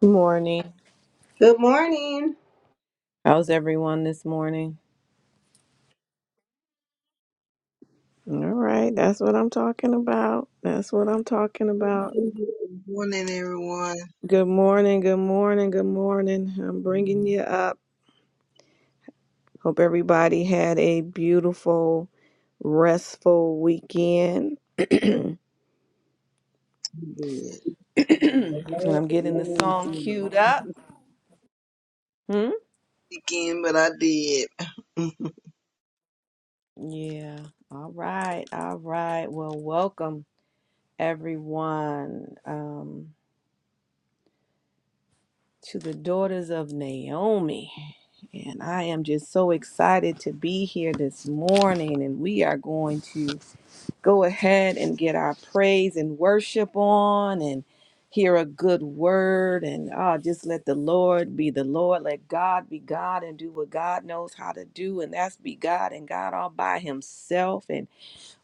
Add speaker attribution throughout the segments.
Speaker 1: Good morning.
Speaker 2: Good morning.
Speaker 1: How's everyone this morning? All right, that's what I'm talking about. That's what I'm talking
Speaker 3: Good
Speaker 1: about.
Speaker 3: morning, everyone.
Speaker 1: Good morning, good morning, good morning. I'm bringing you up. Hope everybody had a beautiful, restful weekend. and
Speaker 3: Did. I know
Speaker 1: I'm
Speaker 3: it
Speaker 1: getting the
Speaker 3: was
Speaker 1: song
Speaker 3: the
Speaker 1: queued up. Hmm?
Speaker 3: Weekend, but I did. I'm
Speaker 1: Yeah. All right, all right. Well, welcome everyone. Um, to the daughters of Naomi. And I am just so excited to be here this morning. And we are going to go ahead and get our praise and worship on and hear a good word. And oh, just let the Lord be the Lord. Let God be God and do what God knows how to do. And that's be God and God all by Himself. and.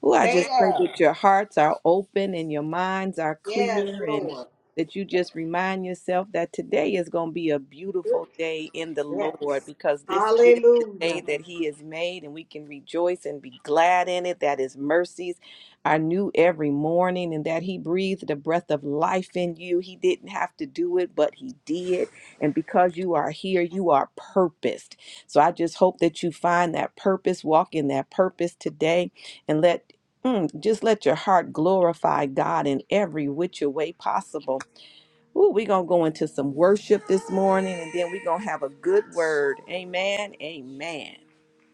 Speaker 1: Ooh, I
Speaker 2: Say
Speaker 1: just pray
Speaker 2: that.
Speaker 1: that your hearts are open and your minds are
Speaker 2: Yes,
Speaker 1: clear and
Speaker 2: Lord.
Speaker 1: that you just remind yourself that today is going to be a beautiful day in the Lord
Speaker 2: Yes.
Speaker 1: because this is the day
Speaker 2: Hallelujah.
Speaker 1: that He has made and we can rejoice and be glad in it, that His mercies are new every morning and that He breathed the breath of life in you. He didn't have to do it, but He did. And because you are here, you are purposed. So I just hope that you find that purpose, walk in that purpose today and let Mm, just let your heart glorify God in every which way possible. Ooh, we're going to go into some worship this morning and then we're going to have a good word. Amen. Amen.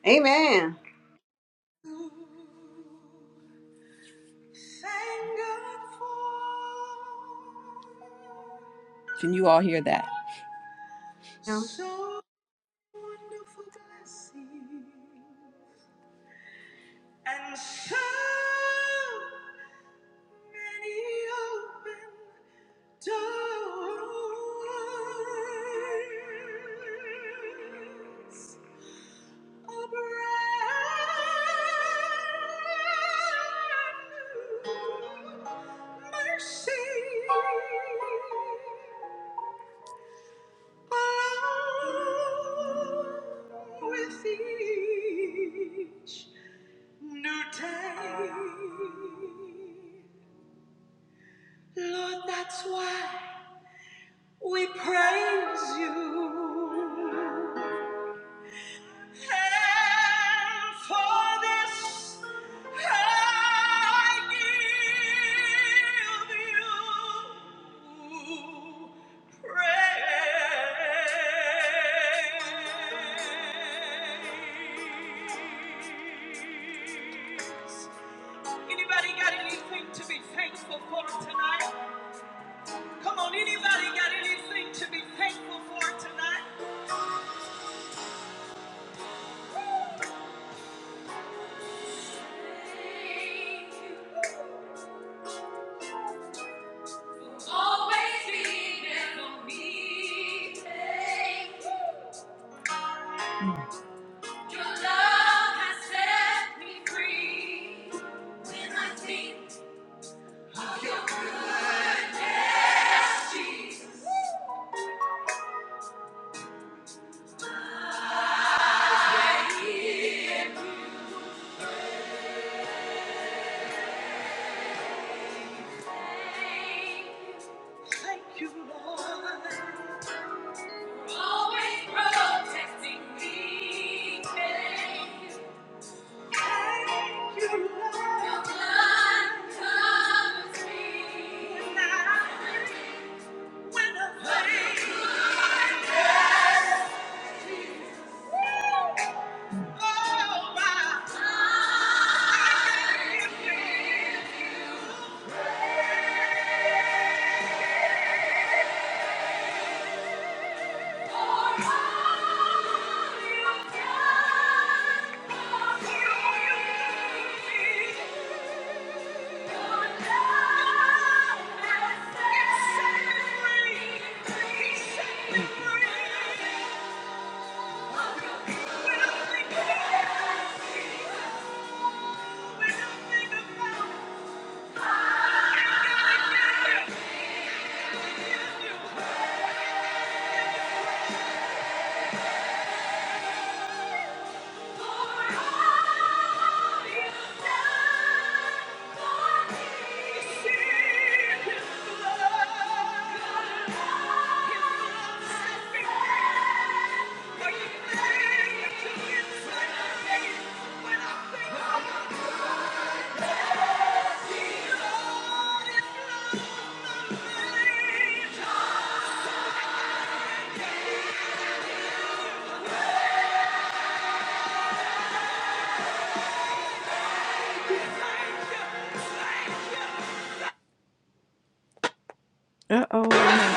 Speaker 2: Amen.
Speaker 1: Can you all hear that?
Speaker 2: We're
Speaker 1: So wonderful blessing and so With each new day. Lord, that's why we praise you. And for this, I give you praise. Anybody got anything to be thankful for tonight? Come on, anybody got anything to be thankful for tonight? Thank you. Always be there for me. Thank you. Your love has set me free. When I think of your goodness, Jesus, Thank you, Lord. Always protecting me. Thank you. Thank you. Uh oh.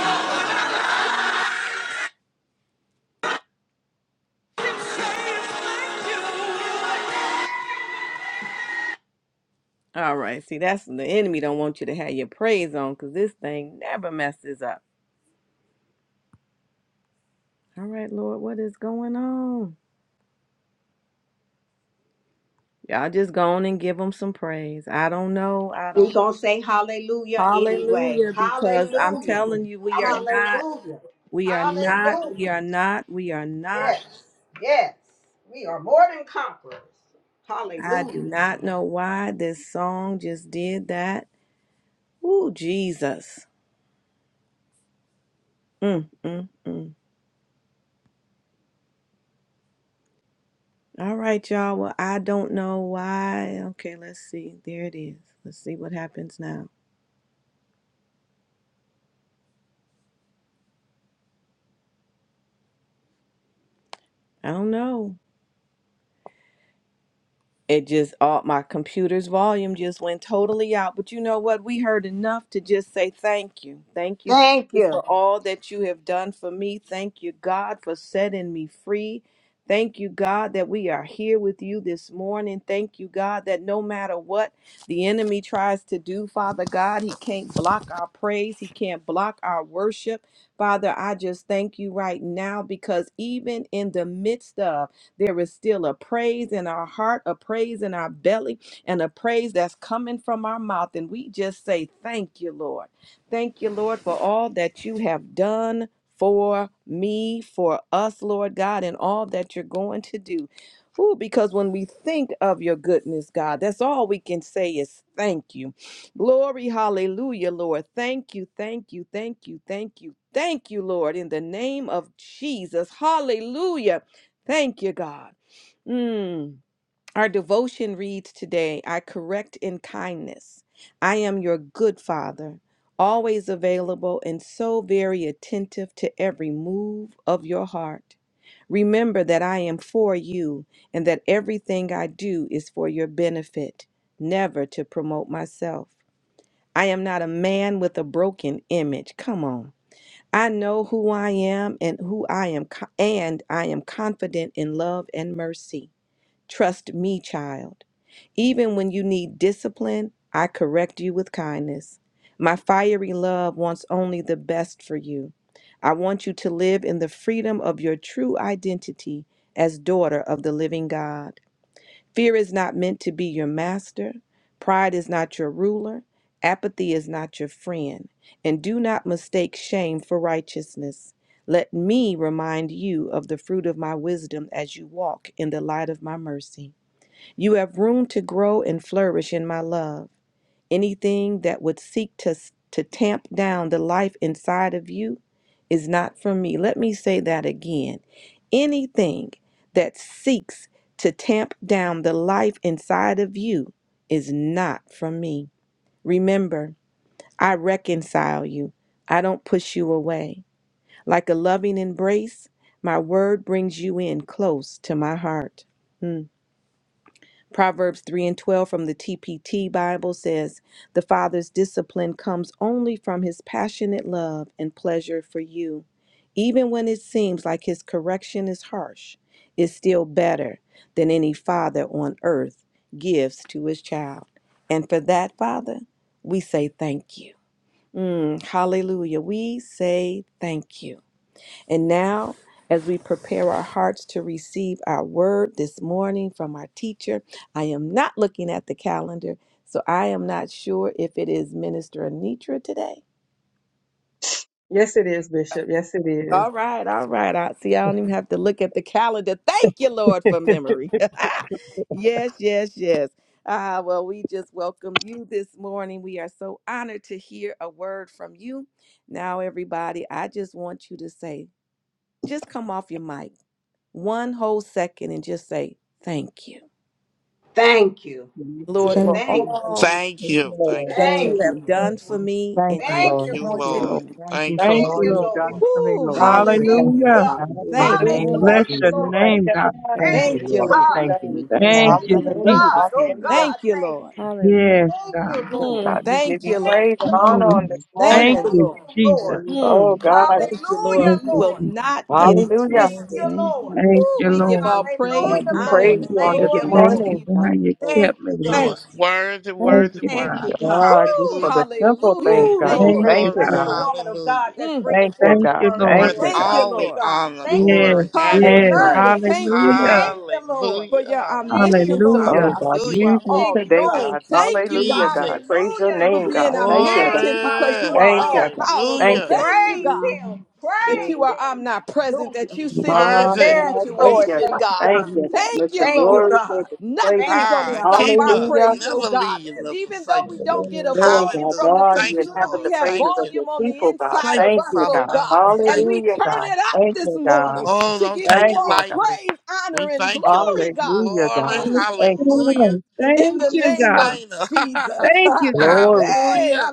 Speaker 1: All right. See, that's the enemy don't want you to have your praise on because this thing never messes up. All right, Lord, what is going on? Y'all just go on and give them some praise. I don't know. I don't.
Speaker 2: going to say hallelujah anyway.
Speaker 1: Hallelujah. Because I'm
Speaker 2: Hallelujah.
Speaker 1: telling you, we are
Speaker 3: not
Speaker 1: not,
Speaker 2: Hallelujah.
Speaker 1: we are not, we
Speaker 2: Hallelujah.
Speaker 1: are not, we are not.
Speaker 2: Yes. Yes. We are more than conquerors.
Speaker 1: I do
Speaker 2: Hallelujah.
Speaker 1: not know why this song just did that. Ooh, Jesus. Mm, mm, mm. All right, y'all. Well, I don't know why. Okay, let's see. There it is. Let's see what happens now. I don't know. It just all my computer's volume just went totally out. But you know what? We heard enough to just say thank you. Thank you,
Speaker 2: Thank
Speaker 1: Jesus, for
Speaker 2: you.
Speaker 1: all that you have done for me. Thank you, God, for setting me free. Thank you, God, that we are here with you this morning. Thank you, God, that no matter what the enemy tries to do, Father God, he can't block our praise. He can't block our worship. Father, I just thank you right now because even in the midst of there is still a praise in our heart, a praise in our belly, and a praise that's coming from our mouth. And we just say, Thank you, Lord. Thank you, Lord, for all that you have done for me, for us, Lord God, and all that you're going to do. Ooh, because when we think of your goodness, God, that's all we can say is thank you. Glory, hallelujah, Lord. Thank you, thank you, thank you, thank you, thank you, Lord, in the name of Jesus. Hallelujah. Thank you, God. Mm. Our devotion reads today I correct in kindness. I am your good father, always available and so very attentive to every move of your heart. Remember that I am for you and that everything I do is for your benefit, never to promote myself. I am not a man with a broken image. Come on. I know who I am and who I am, co- and I am confident in love and mercy. Trust me, child. Even when you need discipline, I correct you with kindness. My fiery love wants only the best for you. I want you to live in the freedom of your true identity as daughter of the living God. Fear is not meant to be your master. Pride is not your ruler. Apathy is not your friend. And do not mistake shame for righteousness. Let me remind you of the fruit of my wisdom as you walk in the light of my mercy. You have room to grow and flourish in my love. Anything that would seek to, to tamp down the life inside of you is not from me. Let me say that again. Anything that seeks to tamp down the life inside of you is not from me. Remember, I reconcile you, I don't push you away. Like a loving embrace, my word brings you in close to my heart. Hmm. Proverbs 3 and 12 from the TPT Bible says, The Father's discipline comes only from his passionate love and pleasure for you. Even when it seems like his correction is harsh, it's still better than any father on earth gives to his child. And for that, Father, we say thank you. Mm, hallelujah. We say thank you. And now, as we prepare our hearts to receive our word this morning from our teacher, I am not looking at the calendar, so I am not sure if it is Minister Anitra today.
Speaker 4: Yes, it is, Bishop. Yes, it is.
Speaker 1: All right, all right. I see. I don't even have to look at the calendar. Thank you, Lord, for memory. yes, yes, yes. Ah, well, we just welcomed you this morning. We are so honored to hear a word from you. Now, everybody, I just want you to say, just come off your mic one whole second and just say, Thank you,
Speaker 2: Thank you.
Speaker 3: gonna say,
Speaker 1: Lord, for
Speaker 5: Thank
Speaker 2: Thank
Speaker 5: you.
Speaker 2: you.
Speaker 3: thank
Speaker 1: all
Speaker 3: you,
Speaker 6: Thank
Speaker 3: thank you,
Speaker 6: you,
Speaker 3: Lord.
Speaker 6: thank you,
Speaker 1: that
Speaker 6: thank
Speaker 2: Thank
Speaker 1: you
Speaker 3: Thank
Speaker 5: Thank
Speaker 6: you,
Speaker 2: you.
Speaker 1: have
Speaker 3: you,
Speaker 5: you.
Speaker 1: done
Speaker 3: Lord.
Speaker 1: for me
Speaker 7: Thank
Speaker 1: and
Speaker 7: you,
Speaker 1: you are
Speaker 2: Thank
Speaker 6: thank
Speaker 2: you,
Speaker 7: Lord.
Speaker 6: you,
Speaker 5: Thank
Speaker 2: Lord.
Speaker 1: going
Speaker 8: Thank
Speaker 5: you,
Speaker 8: you,
Speaker 1: to do.
Speaker 6: Lord.
Speaker 8: Lord.
Speaker 5: God.
Speaker 7: Thank you
Speaker 6: Thank you,
Speaker 7: for
Speaker 8: Thank
Speaker 2: Thank
Speaker 6: Father.
Speaker 7: all
Speaker 8: you,
Speaker 2: you,
Speaker 7: you've
Speaker 8: Lord.
Speaker 2: Lord.
Speaker 7: done for me,
Speaker 1: Woo,
Speaker 7: Lord.
Speaker 5: Thank you,
Speaker 7: I
Speaker 5: Father.
Speaker 2: Thank
Speaker 7: thank
Speaker 2: you,
Speaker 7: you,
Speaker 1: hallelujah.
Speaker 8: Hallelujah.
Speaker 2: God.
Speaker 7: Father, in the
Speaker 1: Thank
Speaker 4: Hallelujah,
Speaker 1: you.
Speaker 3: Everything,
Speaker 7: name
Speaker 5: Thank
Speaker 7: of
Speaker 8: Bless
Speaker 5: you,
Speaker 2: Hallelujah,
Speaker 5: Father.
Speaker 8: your
Speaker 7: Jesus.
Speaker 4: hallelujah.
Speaker 2: Lord.
Speaker 4: Thank
Speaker 8: name,
Speaker 4: you,
Speaker 8: God.
Speaker 4: God.
Speaker 5: Thank
Speaker 7: Thank
Speaker 5: you
Speaker 2: Thank
Speaker 7: you,
Speaker 1: Thank
Speaker 5: for
Speaker 3: Thank
Speaker 1: you,
Speaker 3: you,
Speaker 5: all
Speaker 2: you,
Speaker 7: Lord.
Speaker 4: Thank
Speaker 2: God.
Speaker 1: Lord.
Speaker 5: you've
Speaker 4: you,
Speaker 5: done
Speaker 3: Thank
Speaker 7: Thank
Speaker 4: God.
Speaker 5: for
Speaker 7: you.
Speaker 5: me. Thank
Speaker 8: Thank
Speaker 7: Thank
Speaker 5: you.
Speaker 2: Thank
Speaker 7: you.
Speaker 8: you,
Speaker 2: you,
Speaker 4: Hallelujah,
Speaker 8: Jesus.
Speaker 5: Hallelujah
Speaker 2: God.
Speaker 5: this
Speaker 2: Oh,
Speaker 5: morning.
Speaker 4: hallelujah.
Speaker 2: God,
Speaker 1: Thank you,
Speaker 2: thank
Speaker 1: Lord.
Speaker 2: you.
Speaker 5: Hallelujah
Speaker 8: Yes,
Speaker 2: Thank
Speaker 5: this
Speaker 8: God.
Speaker 2: you,
Speaker 5: morning. Thank
Speaker 2: Lord.
Speaker 4: God,
Speaker 1: Mm,
Speaker 5: you.
Speaker 4: we give
Speaker 1: thank
Speaker 4: you
Speaker 1: you,
Speaker 2: Thank
Speaker 1: Lord.
Speaker 4: praise and
Speaker 2: you,
Speaker 4: honor
Speaker 2: Lord.
Speaker 4: on
Speaker 8: Mm.
Speaker 4: this
Speaker 1: Thank
Speaker 8: Thank
Speaker 1: you,
Speaker 4: morning.
Speaker 2: Thank
Speaker 8: you,
Speaker 1: Lord.
Speaker 2: you,
Speaker 3: you,
Speaker 8: Jesus.
Speaker 2: Lord.
Speaker 3: Thank
Speaker 4: Oh,
Speaker 1: Mm,
Speaker 4: God.
Speaker 1: thank you, Lord.
Speaker 2: Hallelujah,
Speaker 3: you,
Speaker 8: Thank
Speaker 3: Lord. Thank you, Thank you,
Speaker 1: We
Speaker 8: you,
Speaker 1: will
Speaker 2: Lord.
Speaker 8: Jesus.
Speaker 1: not get
Speaker 8: Thank
Speaker 1: it
Speaker 8: you.
Speaker 4: Hallelujah.
Speaker 2: Thank
Speaker 3: Lord. Lord,
Speaker 2: you,
Speaker 1: twisted.
Speaker 3: Thank you,
Speaker 5: Thank
Speaker 2: Lord.
Speaker 5: you.
Speaker 8: Thank
Speaker 1: Woo,
Speaker 8: you,
Speaker 1: we
Speaker 3: Lord.
Speaker 1: give
Speaker 8: Lord.
Speaker 1: all
Speaker 3: Thank you,
Speaker 1: praise,
Speaker 4: God,
Speaker 2: Hallelujah,
Speaker 5: You've
Speaker 3: Lord.
Speaker 4: we
Speaker 5: done for
Speaker 1: honor,
Speaker 2: Lord.
Speaker 4: praise
Speaker 5: me
Speaker 4: you
Speaker 1: and
Speaker 5: for
Speaker 4: on
Speaker 2: Thank
Speaker 4: this
Speaker 5: every
Speaker 2: you,
Speaker 1: glory to
Speaker 8: Thank
Speaker 2: Lord.
Speaker 8: you
Speaker 5: mountain
Speaker 1: you.
Speaker 4: morning.
Speaker 8: for
Speaker 1: God.
Speaker 8: how
Speaker 5: stop
Speaker 8: you
Speaker 5: and over.
Speaker 2: Thank
Speaker 8: kept me,
Speaker 2: you,
Speaker 6: He
Speaker 2: God.
Speaker 8: Lord.
Speaker 1: Thank
Speaker 6: is
Speaker 1: you.
Speaker 6: worthy,
Speaker 5: Thank
Speaker 8: Thank
Speaker 6: worthy,
Speaker 5: you,
Speaker 8: you,
Speaker 5: Father.
Speaker 6: worthy.
Speaker 2: Thank
Speaker 8: God.
Speaker 2: you, God.
Speaker 4: God, just
Speaker 1: Woo,
Speaker 4: for
Speaker 6: Hallelujah.
Speaker 4: the simple
Speaker 1: hallelujah.
Speaker 4: things,
Speaker 2: Ooh,
Speaker 5: We give
Speaker 4: God.
Speaker 1: Thank
Speaker 5: you
Speaker 4: We
Speaker 8: Thank
Speaker 2: Lord.
Speaker 5: praise
Speaker 4: thank
Speaker 8: you,
Speaker 1: you.
Speaker 5: this
Speaker 4: you,
Speaker 6: Glory,
Speaker 2: Bless
Speaker 8: God.
Speaker 2: the
Speaker 4: God.
Speaker 5: morning.
Speaker 2: woman of God
Speaker 6: hallelujah.
Speaker 2: that's
Speaker 1: Mm,
Speaker 2: bringing
Speaker 4: Thank you,
Speaker 2: forth
Speaker 8: Thank
Speaker 2: the
Speaker 4: God.
Speaker 8: you,
Speaker 2: word, oh
Speaker 8: Lord.
Speaker 4: Thank
Speaker 6: Worth
Speaker 5: Mm,
Speaker 2: Lord.
Speaker 4: you,
Speaker 1: thank
Speaker 4: God.
Speaker 1: you,
Speaker 2: Thank
Speaker 6: all
Speaker 2: you,
Speaker 6: the
Speaker 1: Lord.
Speaker 2: God.
Speaker 6: honor,
Speaker 2: Thank you
Speaker 5: Thank you.
Speaker 2: for
Speaker 8: Yes,
Speaker 6: glory, and the
Speaker 2: spiritual
Speaker 4: Thank
Speaker 8: yes.
Speaker 4: you.
Speaker 1: Hallelujah.
Speaker 2: nourishment.
Speaker 6: praise.
Speaker 1: Thank you,
Speaker 8: Hallelujah.
Speaker 1: Lord,
Speaker 2: Thank you, Lord.
Speaker 1: for
Speaker 6: Hallelujah,
Speaker 1: your
Speaker 2: Thank you,
Speaker 6: hallelujah,
Speaker 1: omniscience, oh
Speaker 2: Lord.
Speaker 8: Hallelujah.
Speaker 4: Oh,
Speaker 1: God, for
Speaker 4: God.
Speaker 1: you
Speaker 6: hallelujah.
Speaker 1: are
Speaker 4: Use me
Speaker 2: Thank
Speaker 1: all
Speaker 2: you,
Speaker 4: today,
Speaker 2: God.
Speaker 1: knowing.
Speaker 4: God.
Speaker 6: Thank you,
Speaker 1: Thank you,
Speaker 4: Hallelujah,
Speaker 1: God,
Speaker 4: God.
Speaker 6: Jesus.
Speaker 4: Praise your
Speaker 2: Hallelujah in
Speaker 1: for
Speaker 4: name,
Speaker 1: being
Speaker 4: God.
Speaker 2: Jesus'
Speaker 4: Thank you, God.
Speaker 2: name.
Speaker 1: omnipotent because
Speaker 6: Glory,
Speaker 1: you are
Speaker 4: Thank you,
Speaker 2: Hallelujah.
Speaker 1: all
Speaker 4: God.
Speaker 1: powerful.
Speaker 4: Thank
Speaker 6: hallelujah.
Speaker 4: you.
Speaker 1: Thank you,
Speaker 2: Praise
Speaker 1: God
Speaker 3: Hallelujah.
Speaker 2: him.
Speaker 1: that
Speaker 2: Praise
Speaker 1: you
Speaker 3: Glory.
Speaker 1: are
Speaker 2: him.
Speaker 1: omnipresent, that
Speaker 2: Hallelujah.
Speaker 1: you
Speaker 6: He's
Speaker 1: sit in
Speaker 3: Thank
Speaker 4: Ah,
Speaker 1: every
Speaker 6: worthy.
Speaker 2: Yes,
Speaker 4: thank
Speaker 2: Lord.
Speaker 4: you,
Speaker 1: situation,
Speaker 4: God.
Speaker 2: Thank you,
Speaker 1: God.
Speaker 2: God.
Speaker 4: Thank you,
Speaker 3: you.
Speaker 4: God.
Speaker 1: Thank
Speaker 4: Let
Speaker 1: you,
Speaker 4: your
Speaker 2: Thank you,
Speaker 1: Lord.
Speaker 4: glory fill
Speaker 2: God.
Speaker 4: this place,
Speaker 1: Nothing's
Speaker 2: Thank you,
Speaker 1: going to
Speaker 6: Ah,
Speaker 2: God.
Speaker 4: God.
Speaker 1: stop
Speaker 6: keep
Speaker 1: our
Speaker 6: up.
Speaker 4: Hallelujah.
Speaker 1: praise, oh
Speaker 6: Never
Speaker 1: God.
Speaker 6: leave you nor
Speaker 1: Even though
Speaker 6: forsake
Speaker 1: we
Speaker 6: you.
Speaker 1: don't get a
Speaker 3: Lord,
Speaker 4: Oh,
Speaker 1: volume
Speaker 4: God,
Speaker 1: from
Speaker 6: Hallelujah.
Speaker 1: the
Speaker 4: Lord, you
Speaker 6: Thank you,
Speaker 1: computer,
Speaker 4: inhabit the
Speaker 6: Lord.
Speaker 1: we have
Speaker 6: Thank
Speaker 4: praises of
Speaker 6: you.
Speaker 4: your
Speaker 1: volume on the
Speaker 4: people, God.
Speaker 1: inside
Speaker 6: Thank
Speaker 1: of
Speaker 4: Thank
Speaker 6: you,
Speaker 1: us,
Speaker 4: you,
Speaker 6: Father
Speaker 1: oh
Speaker 4: God.
Speaker 6: God.
Speaker 1: God.
Speaker 6: We
Speaker 1: And
Speaker 6: thank
Speaker 1: we
Speaker 6: you.
Speaker 4: Hallelujah,
Speaker 6: We
Speaker 1: turn
Speaker 4: God.
Speaker 6: thank
Speaker 1: it
Speaker 6: you.
Speaker 1: up
Speaker 4: Thank
Speaker 1: this
Speaker 4: you,
Speaker 1: morning
Speaker 4: God.
Speaker 6: Oh,
Speaker 1: to
Speaker 6: don't
Speaker 1: give you
Speaker 6: take
Speaker 4: Thank
Speaker 6: it
Speaker 4: you,
Speaker 1: all
Speaker 4: God.
Speaker 6: lightly.
Speaker 1: praise, honor,
Speaker 6: We
Speaker 1: and
Speaker 6: thank you,
Speaker 1: glory,
Speaker 6: Lord.
Speaker 1: God,
Speaker 4: Hallelujah,
Speaker 6: Glory,
Speaker 4: God. Thank you.
Speaker 6: hallelujah.
Speaker 8: Hallelujah.
Speaker 1: in
Speaker 8: Thank
Speaker 1: the
Speaker 6: A
Speaker 8: you,
Speaker 1: name
Speaker 8: God.
Speaker 1: of
Speaker 6: sustainer.
Speaker 1: Jesus.
Speaker 8: Thank you,
Speaker 4: God.
Speaker 8: God.
Speaker 4: Glory.
Speaker 1: hey,
Speaker 6: hallelujah.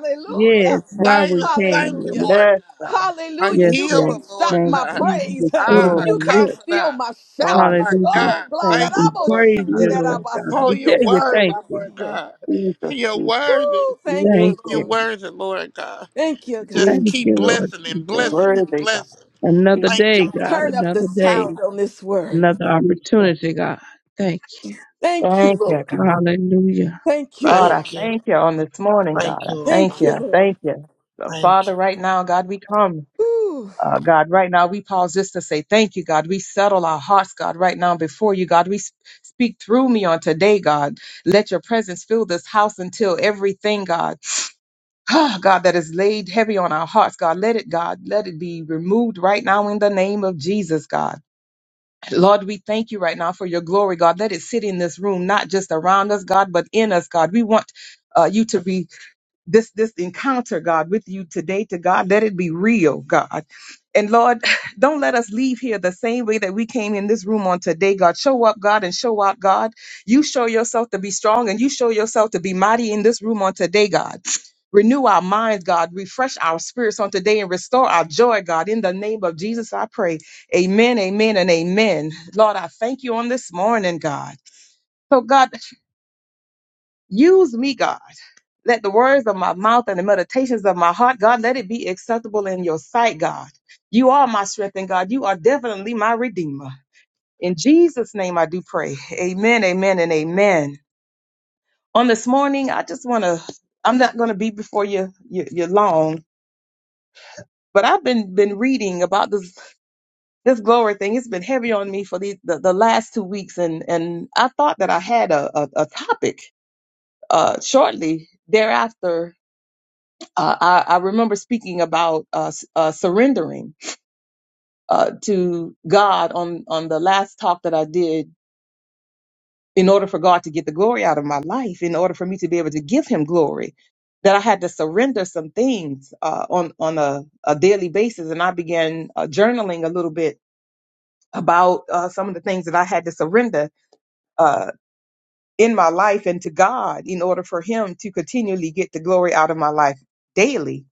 Speaker 6: A
Speaker 8: Yes, while we
Speaker 6: sustainer.
Speaker 8: can,
Speaker 6: Thank
Speaker 8: Lord.
Speaker 6: you,
Speaker 1: Hallelujah.
Speaker 6: Lord
Speaker 4: Yes, God.
Speaker 6: God. A
Speaker 1: Hallelujah.
Speaker 8: Yes,
Speaker 1: You
Speaker 8: Lord.
Speaker 6: healer,
Speaker 1: can't stop
Speaker 6: Lord
Speaker 5: Thank
Speaker 1: my
Speaker 6: God.
Speaker 5: you.
Speaker 8: You be the
Speaker 1: praise.
Speaker 8: fruit of
Speaker 4: Oh,
Speaker 6: Ah, a
Speaker 8: our
Speaker 1: You can't
Speaker 8: lips.
Speaker 1: steal
Speaker 6: confidant.
Speaker 1: my shout.
Speaker 4: God.
Speaker 6: My
Speaker 8: Hallelujah.
Speaker 6: God.
Speaker 1: Oh, God. that
Speaker 5: Thank
Speaker 6: Thank
Speaker 1: I
Speaker 5: you.
Speaker 6: you,
Speaker 8: We
Speaker 1: will
Speaker 6: Lord God.
Speaker 8: praise
Speaker 1: sing that
Speaker 8: you,
Speaker 4: Jesus,
Speaker 1: I
Speaker 8: Lord
Speaker 1: will
Speaker 4: Jesus,
Speaker 8: God.
Speaker 6: Oh,
Speaker 8: We
Speaker 1: sing
Speaker 8: tell
Speaker 6: you're
Speaker 8: you
Speaker 1: that I
Speaker 8: thank
Speaker 6: worthy,
Speaker 1: will
Speaker 8: you.
Speaker 6: Lord
Speaker 1: sing.
Speaker 6: God.
Speaker 4: Jesus,
Speaker 6: You're
Speaker 4: Jesus,
Speaker 6: worthy.
Speaker 1: Woo, thank you,
Speaker 8: Thank
Speaker 4: Jesus,
Speaker 6: You're
Speaker 8: you.
Speaker 1: Lord.
Speaker 6: worthy, Lord God.
Speaker 1: Thank you, God.
Speaker 6: Just
Speaker 4: Jesus,
Speaker 8: Thank
Speaker 6: keep
Speaker 8: you, Lord
Speaker 6: blessing and
Speaker 8: Jesus.
Speaker 6: blessing and
Speaker 1: Mm.
Speaker 4: worthy God.
Speaker 6: blessing.
Speaker 8: Another
Speaker 4: Jesus,
Speaker 6: Thank
Speaker 8: day,
Speaker 6: you,
Speaker 8: God.
Speaker 6: Lord.
Speaker 1: Turn up the
Speaker 8: Another
Speaker 1: sound
Speaker 8: day.
Speaker 1: on this word.
Speaker 8: Another
Speaker 4: Jesus.
Speaker 8: opportunity, God. Thank you.
Speaker 1: Thank you,
Speaker 4: Thank you,
Speaker 1: Lord.
Speaker 4: God.
Speaker 8: Hallelujah.
Speaker 1: Thank you,
Speaker 4: God, I
Speaker 1: Lord.
Speaker 6: Thank you.
Speaker 4: thank you on this morning, God.
Speaker 6: Thank
Speaker 4: I
Speaker 6: you,
Speaker 4: thank
Speaker 6: Lord.
Speaker 1: Thank
Speaker 4: you.
Speaker 1: you,
Speaker 4: I
Speaker 1: Lord.
Speaker 4: thank you. So,
Speaker 6: Thank you.
Speaker 4: Father, right now, God, we come.
Speaker 1: Woo.
Speaker 4: Uh, God, right now, we pause just to say thank you, God. We settle our hearts, God, right now before you, God. We s- speak through me on today, God. Let your presence fill this house until everything, God. Ah, God, that is laid heavy on our hearts, God, let it, God, let it be removed right now in the name of Jesus, God. Lord, we thank you right now for your glory, God. Let it sit in this room, not just around us, God, but in us, God. We want uh, you to reveal this this encounter god with you today to god let it be real god and lord don't let us leave here the same way that we came in this room on today god show up god and show out god you show yourself to be strong and you show yourself to be mighty in this room on today god renew our minds god refresh our spirits on today and restore our joy god in the name of jesus i pray amen amen and amen lord i thank you on this morning god so god Use me, God. Let the words of my mouth and the meditations of my heart, God, let it be acceptable in your sight, God. You are my strength, and God, you are definitely my redeemer. In Jesus' name, I do pray. Amen, amen, and amen. On this morning, I just want to, I'm not going to be before you, you, you long, but I've been, been reading about this, this glory thing. It's been heavy on me for the, the, the last two weeks. And, and I thought that I had a, a, a topic, uh, shortly thereafter Uh, I, I remember speaking about uh, s- uh, surrendering uh, to God on on the last talk that I did. In order for God to get the glory out of my life, in order for me to be able to give Him glory, that I had to surrender some things uh, on on a, a daily basis, and I began uh, journaling a little bit about uh, some of the things that I had to surrender uh, in my life and to God in order for Him to continually get the glory out of my life daily.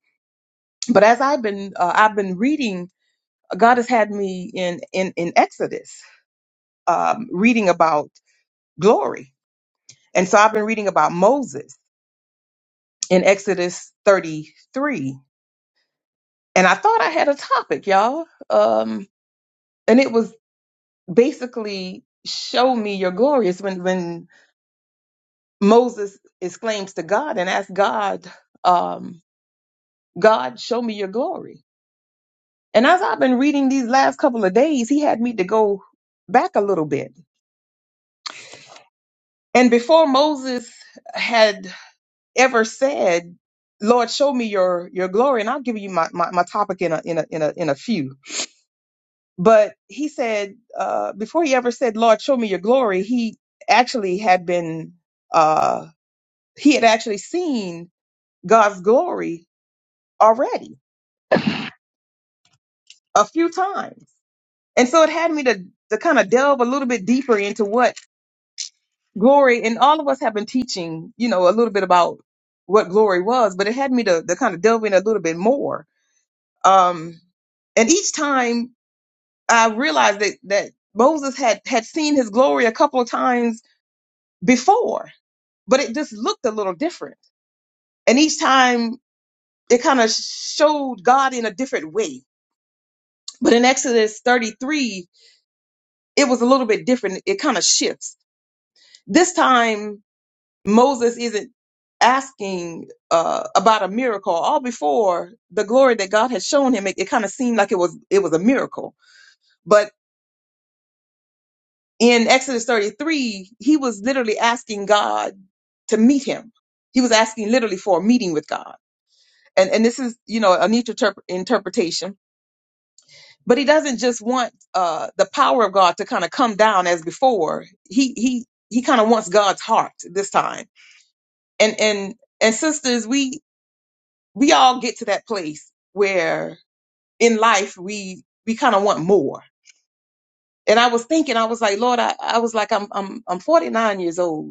Speaker 4: But as I've been uh, I've been reading God has had me in in in Exodus um, reading about glory, and so I've been reading about Moses in Exodus 33, and I thought I had a topic, y'all, um, and it was basically show me your glory. It's when when Moses exclaims to God and asks God, um, God, show me your glory. And as I've been reading these last couple of days, he had me to go back a little bit. And before Moses had ever said, Lord, show me your, your glory. And I'll give you my, my, my topic in a, in a, in a, in a few. But he said, uh, before he ever said, Lord, show me your glory, he actually had been, uh, he had actually seen God's glory already a few times. And so it had me to, to kind of delve a little bit deeper into what glory, and all of us have been teaching, you know, a little bit about what glory was, but it had me to, to kind of delve in a little bit more Um, and each time I realized that that Moses had had seen his glory a couple of times before, but it just looked a little different. And each time it kind of showed God in a different way. But in Exodus 33, it was a little bit different. It kind of shifts. This time Moses isn't asking uh, about a miracle. All before the glory that God had shown him, it, it kind of seemed like it was it was a miracle. but. in Exodus 33, he was literally asking God to meet him. He was asking literally for a meeting with God. And, and this is, you know, a neat interp- interpretation. But he doesn't just want uh, the power of God to kind of come down as before. He he he kind of wants God's heart this time. And and and sisters, we we all get to that place where in life we we kind of want more. And I was thinking, I was like, Lord, I, I was like, I'm I'm I'm 49 years old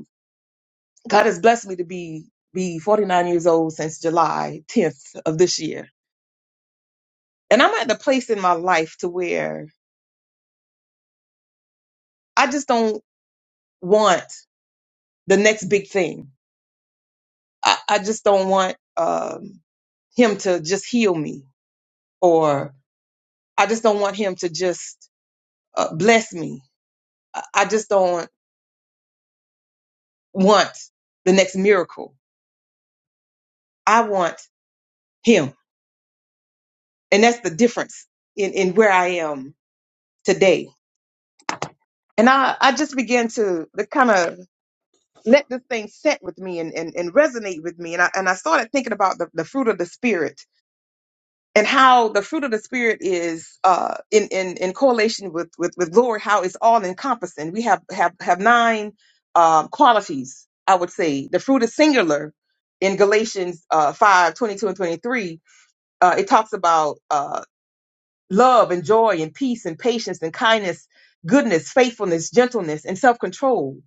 Speaker 4: God has blessed me to be be 49 years old since July 10th of this year. And I'm at the place in my life to where I just don't want the next big thing. I, I just don't want um, him to just heal me or I just don't want him to just uh, bless me. I, I just don't want the next miracle. I want him. And that's the difference in, in where I am today. And I, I just began to kind of let this thing set with me and, and, and resonate with me. And I, and I started thinking about the, the fruit of the spirit and how the fruit of the spirit is uh, in, in, in correlation with, with, with glory, how it's all encompassing. We have, have, have nine um, qualities, I would say. The fruit is singular in Galatians uh, 5, twenty-two and 23. Uh, it talks about uh, love and joy and peace and patience and kindness, goodness, faithfulness, gentleness, and self-control.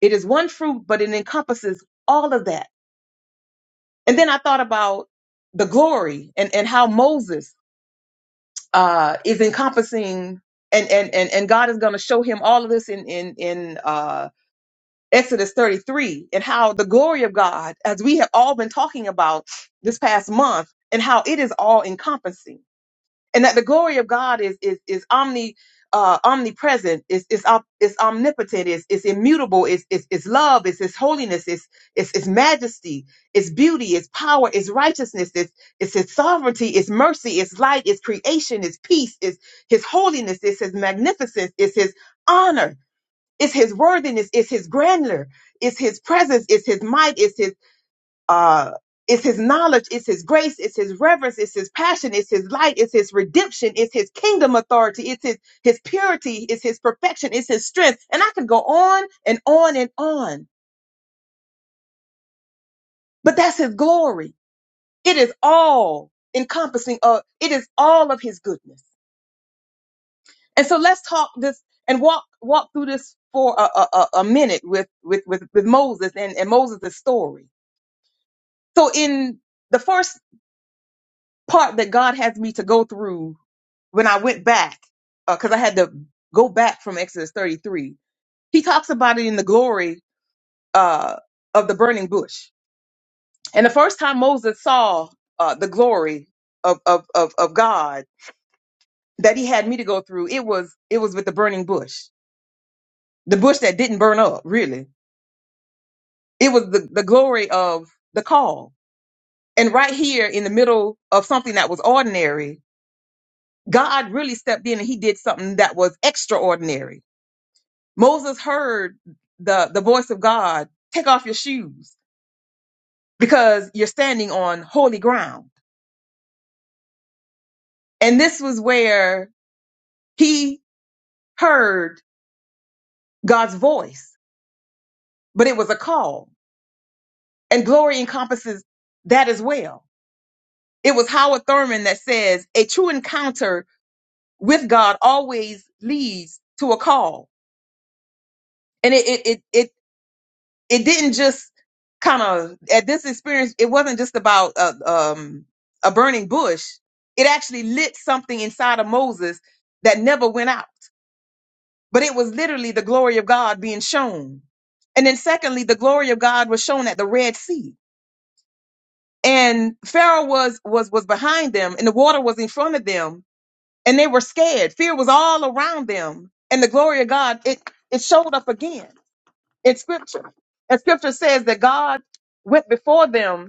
Speaker 4: It is one fruit, but it encompasses all of that And then I thought about the glory and, and how Moses uh, is encompassing and, and, and, and God is going to show him all of this in, in, in uh, Exodus 33 and how the glory of God, as we have all been talking about this past month and how all encompassing and that is, is, is omni, uh, is, is omnipotent, is, is, is, is, is love, is, is holiness, is, is, is, mercy, is, is, power, is, is, is, is light, is, patience, is peace, is his holiness, is, is his honor is it's his grandeur, Is his presence, Is his might, Is his uh it's his knowledge, Is his grace, Is his reverence, Is his passion, Is his light, Is his redemption, Is his kingdom authority, it's his his purity, Is his perfection, Is his strength. And I could go on and on and on. But that's his glory. It is all encompassing of it is all of his goodness. And so let's talk this and walk walk through this for a, a, a a minute with with with, with Moses and, and Moses' story So in the first part that God has me to go through when I went back, because I had to go back from Exodus 33, he talks about it in the glory uh, of the burning bush. And the first time Moses saw uh, the glory of, of, of, of God that he had me to go through, it was it was with the burning bush, the bush that didn't burn up, really. It was the, the glory of the call. And right here in the middle of something that was ordinary, God really stepped in and he did something that was extraordinary. Moses heard the, the voice of God, take off your shoes because you're standing on holy ground. And this was where he heard God's voice, but it was a call and glory encompasses that as well. It was Howard Thurman that says a true encounter with God always leads to a call. And it, it, it, it it didn't just kind of at this experience it wasn't just about a, um, a burning bush it actually lit something inside of moses that never went out but it was literally the glory of god being shown and then secondly the glory of god was shown at the red sea and pharaoh was was was behind them and the water was in front of them and they were scared fear was all around them and the glory of god it it showed up again in scripture and scripture says that god went before them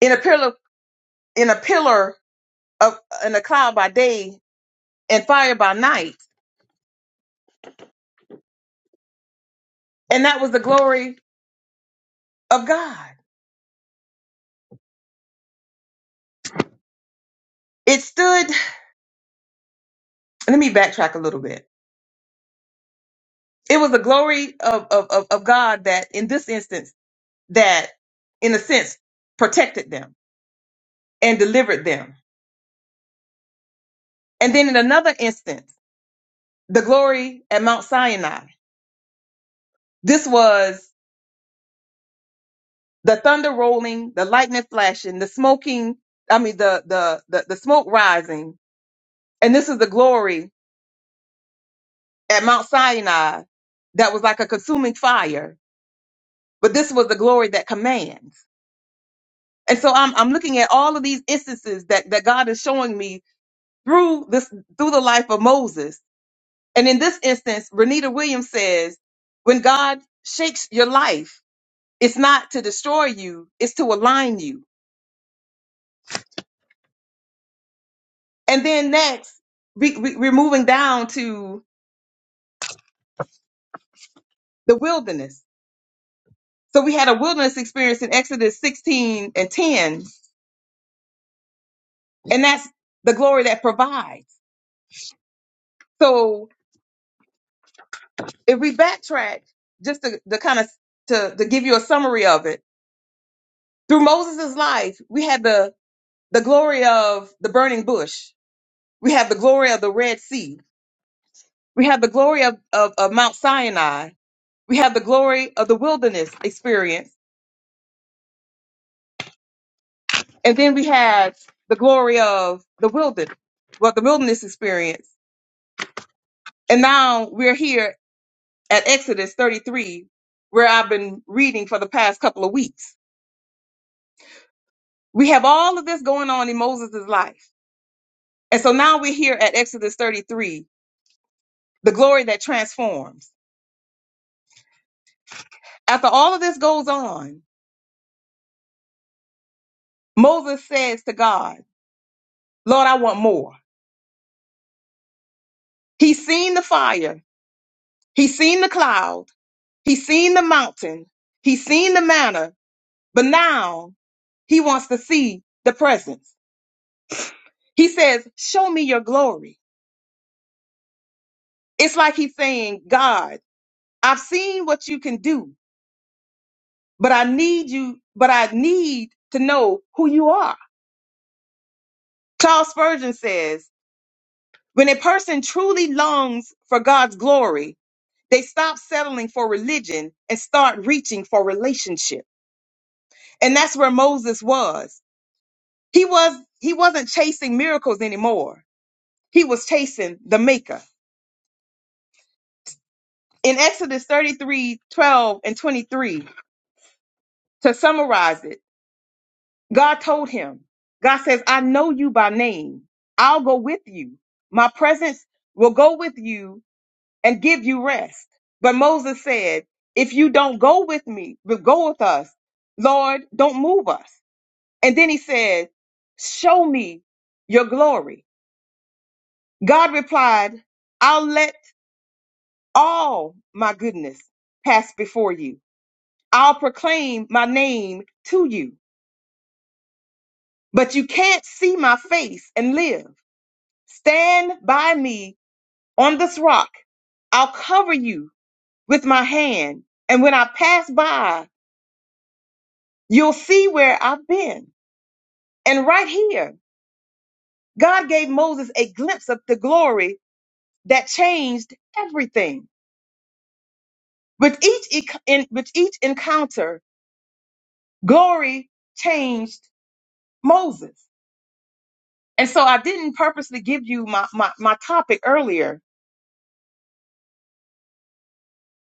Speaker 4: in a pillar in a pillar of in a cloud by day and fire by night and that was the glory of god it stood let me backtrack a little bit it was the glory of of of, of god that in this instance that in a sense protected them and delivered them and then in another instance the glory at mount sinai this was the thunder rolling the lightning flashing the smoking i mean the the the, the smoke rising and this is the glory at Mount Sinai that was like a consuming fire, but this was the glory that commands. And so I'm I'm looking at all of these instances that that God is showing me through this through the life of Moses. And in this instance, Renita Williams says, when God shakes your life, it's not to destroy you, it's to align you. And then next, we, we, we're moving down to the wilderness. So we had a wilderness experience in Exodus 16 and 10, and that's the glory that provides. So if we backtrack, just to, to kind of to, to give you a summary of it, through Moses' life, we had the the glory of the burning bush. We have the glory of the Red Sea. We have the glory of, of, of Mount Sinai. We have the glory of the wilderness experience. And then we had the glory of the wilderness, well, the wilderness experience. And now we're here at Exodus 33, where I've been reading for the past couple of weeks We have all of this going on in Moses' life. And so now we're here at Exodus 33, the glory that transforms. After all of this goes on, Moses says to God, Lord, I want more. He's seen the fire. He's seen the cloud. He's seen the mountain. He's seen the manna. But now he wants to see the presence. He says, show me your glory. It's like he's saying, God, I've seen what you can do. but I need you, but I need to know who you are. Charles Spurgeon says, when a person truly longs for God's glory, they stop settling for religion and start reaching for relationship. And that's where Moses was. He was he wasn't chasing miracles anymore. He was chasing the maker. In Exodus 33:12 and 23, to summarize it, God told him, God says, I know you by name. I'll go with you. My presence will go with you and give you rest. But Moses said, if you don't go with me, but go with us, Lord, don't move us. And then he said, show me your glory. God replied, I'll let all my goodness pass before you. I'll proclaim my name to you, but you can't see my face and live. Stand by me on this rock. I'll cover you with my hand. And when I pass by, you'll see where I've been. And right here, God gave Moses a glimpse of the glory that changed everything. With each, ec- in, with each encounter, glory changed Moses. And so I didn't purposely give you my, my, my topic earlier,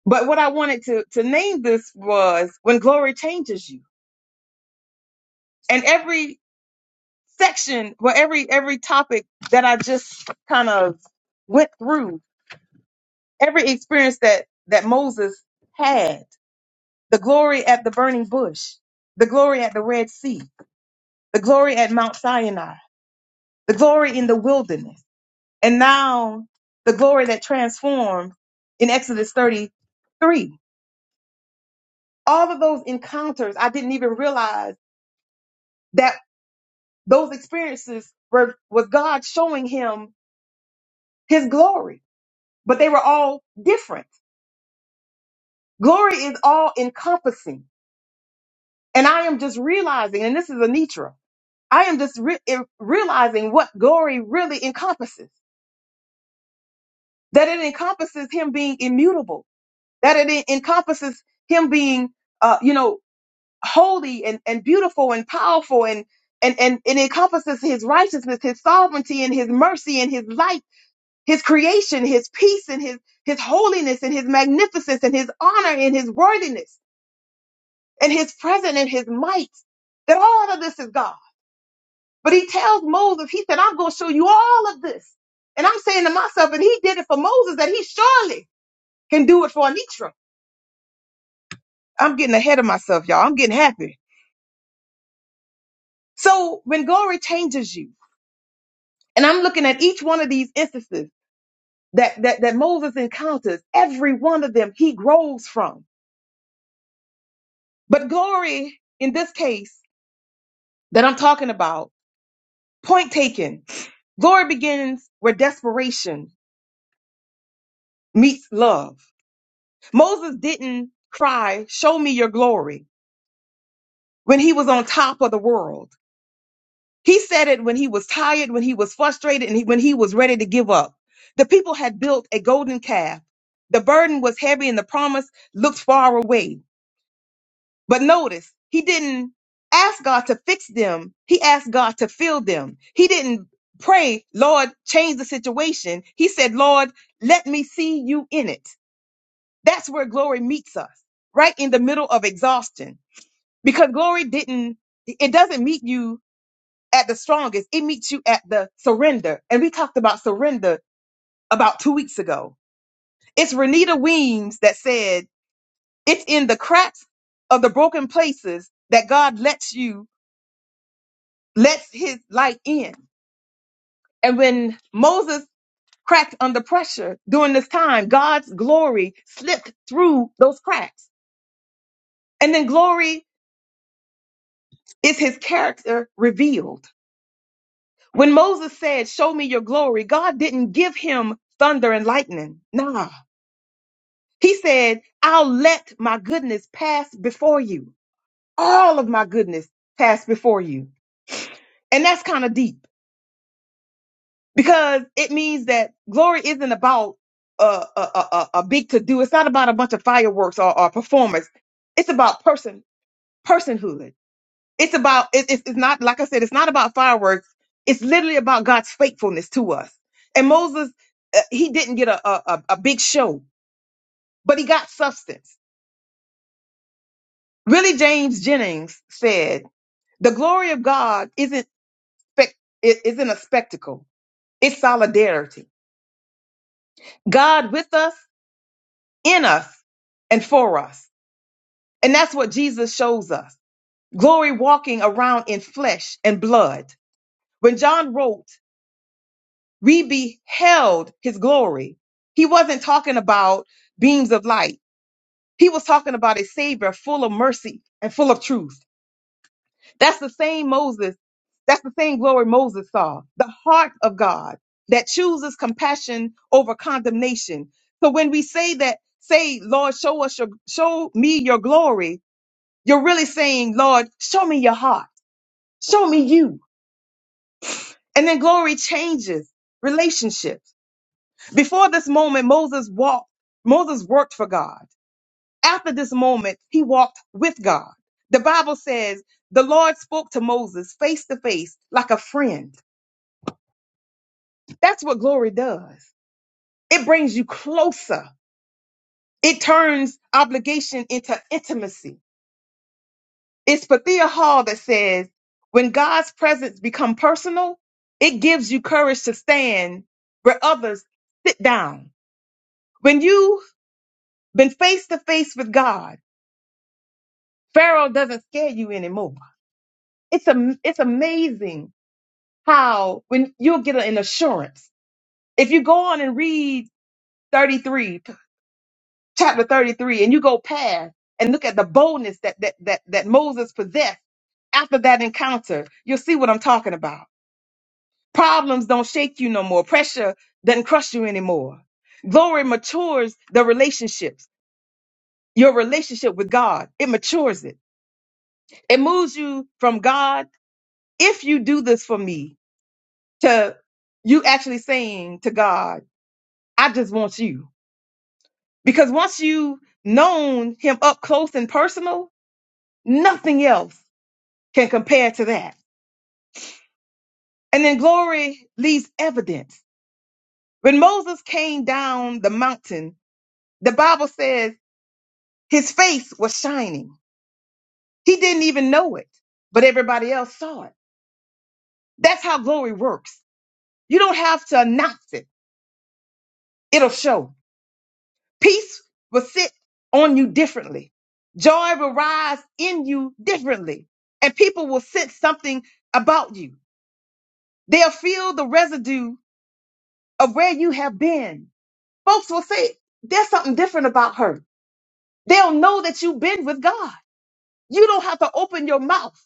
Speaker 4: but what I wanted to, to name this was when glory changes you. And every section where every every topic that I just kind of went through, every experience that that Moses had, the glory at the burning bush, the glory at the Red Sea, the glory at Mount Sinai, the glory in the wilderness, and now the glory that transformed in Exodus 33. All of those encounters, I didn't even realize that those experiences were was God showing him his glory, but they were all different Glory is all encompassing. And I am just realizing, and this is Anitra, I am just re- eh, realizing what glory really encompasses. That it encompasses him being immutable, that it en- encompasses him being, uh, you know, holy and, and beautiful and powerful and, and, and it encompasses his righteousness, his sovereignty and his mercy and his light, his creation, his peace and his, his holiness and his magnificence and his honor and his worthiness and his presence and his might, that all of this is God. But he tells Moses, he said, I'm going to show you all of this. And I'm saying to myself, and he did it for Moses, that he surely can do it for Anitra. I'm getting ahead of myself, y'all. I'm getting happy. So when glory changes you, and I'm looking at each one of these instances that, that, that Moses encounters, every one of them he grows from. But glory in this case that I'm talking about, point taken, glory begins where desperation meets love. Moses didn't cry, show me your glory when he was on top of the world. He said it when he was tired, when he was frustrated, and he- when he was ready to give up. The people had built a golden calf. The burden was heavy and the promise looked far away. But notice, he didn't ask God to fix them. He asked God to fill them. He didn't pray, Lord, change the situation. He said, Lord, let me see you in it. That's where glory meets us, right in the middle of exhaustion. Because glory didn't, it doesn't meet you at the strongest, it meets you at the surrender. And we talked about surrender about two weeks ago. It's Renita Weems that said, It's in the cracks of the broken places that God lets you, lets his light in. And when Moses cracked under pressure during this time, God's glory slipped through those cracks. And then glory is his character revealed. When Moses said, Show me your glory, God didn't give him thunder and lightning. Nah. He said, I'll let my goodness pass before you. All of my goodness pass before you. And that's kind of deep because it means that glory isn't about a, a, a, a big to do. It's not about a bunch of fireworks or, or performance. It's about person, personhood. It's about, it, it's it's not, like I said, it's not about fireworks. It's literally about God's faithfulness to us. And Moses, uh, he didn't get a, a, a a big show, but he got substance. Really, James Jennings said, the glory of God isn't, spec- it isn't a spectacle. It's solidarity. God with us, in us, and for us. And that's what Jesus shows us. Glory walking around in flesh and blood. When John wrote, We beheld his glory. He wasn't talking about beams of light. He was talking about a savior full of mercy and full of truth. That's the same Moses. That's the same glory Moses saw. The heart of God that chooses compassion over condemnation. So when we say that, say, Lord, show us your, show me your glory, you're really saying, Lord, show me your heart. Show me you. And then glory changes relationships. Before this moment, Moses walked, Moses worked for God. After this moment, he walked with God. The Bible says the Lord spoke to Moses face to face like a friend. That's what glory does. It brings you closer. It turns obligation into intimacy. It's Pathia Hall that says when God's presence become personal, it gives you courage to stand where others sit down. When you've been face to face with God, Pharaoh doesn't scare you anymore. It's a, it's amazing how when you'll get an assurance. If you go on and read 33, chapter 33, and you go past and look at the boldness that, that, that, that Moses possessed after that encounter, you'll see what I'm talking about. Problems don't shake you no more. Pressure doesn't crush you anymore. Glory matures the relationships, your relationship with God. It matures it. It moves you from God. If you do this for me, to you actually saying to God, I just want you. Because once you known him up close and personal, nothing else can compare to that. And then glory leaves evidence. When Moses came down the mountain, the Bible says his face was shining. He didn't even know it, but everybody else saw it. That's how glory works. You don't have to announce it. It'll show. Peace will sit on you differently. Joy will rise in you differently. And people will sense something about you. They'll feel the residue of where you have been. Folks will say, there's something different about her. They'll know that you've been with God. You don't have to open your mouth.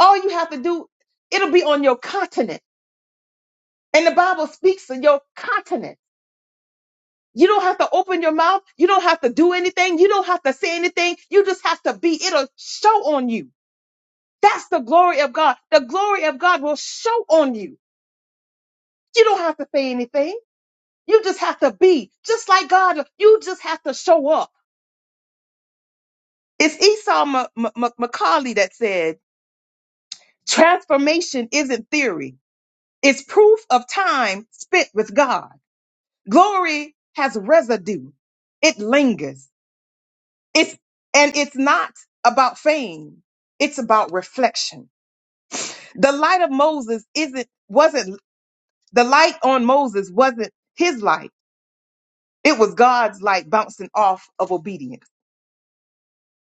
Speaker 4: All you have to do, it'll be on your continent. And the Bible speaks of your continent. You don't have to open your mouth. You don't have to do anything. You don't have to say anything. You just have to be. It'll show on you. That's the glory of God. The glory of God will show on you. You don't have to say anything. You just have to be just like God. You just have to show up. It's Esau M- M- M- Macaulay that said, transformation isn't theory. It's proof of time spent with God. Glory has residue. It lingers. It's, and it's not about fame. It's about reflection. The light of Moses isn't, wasn't, the light on Moses wasn't his light It was God's like bouncing off of obedience.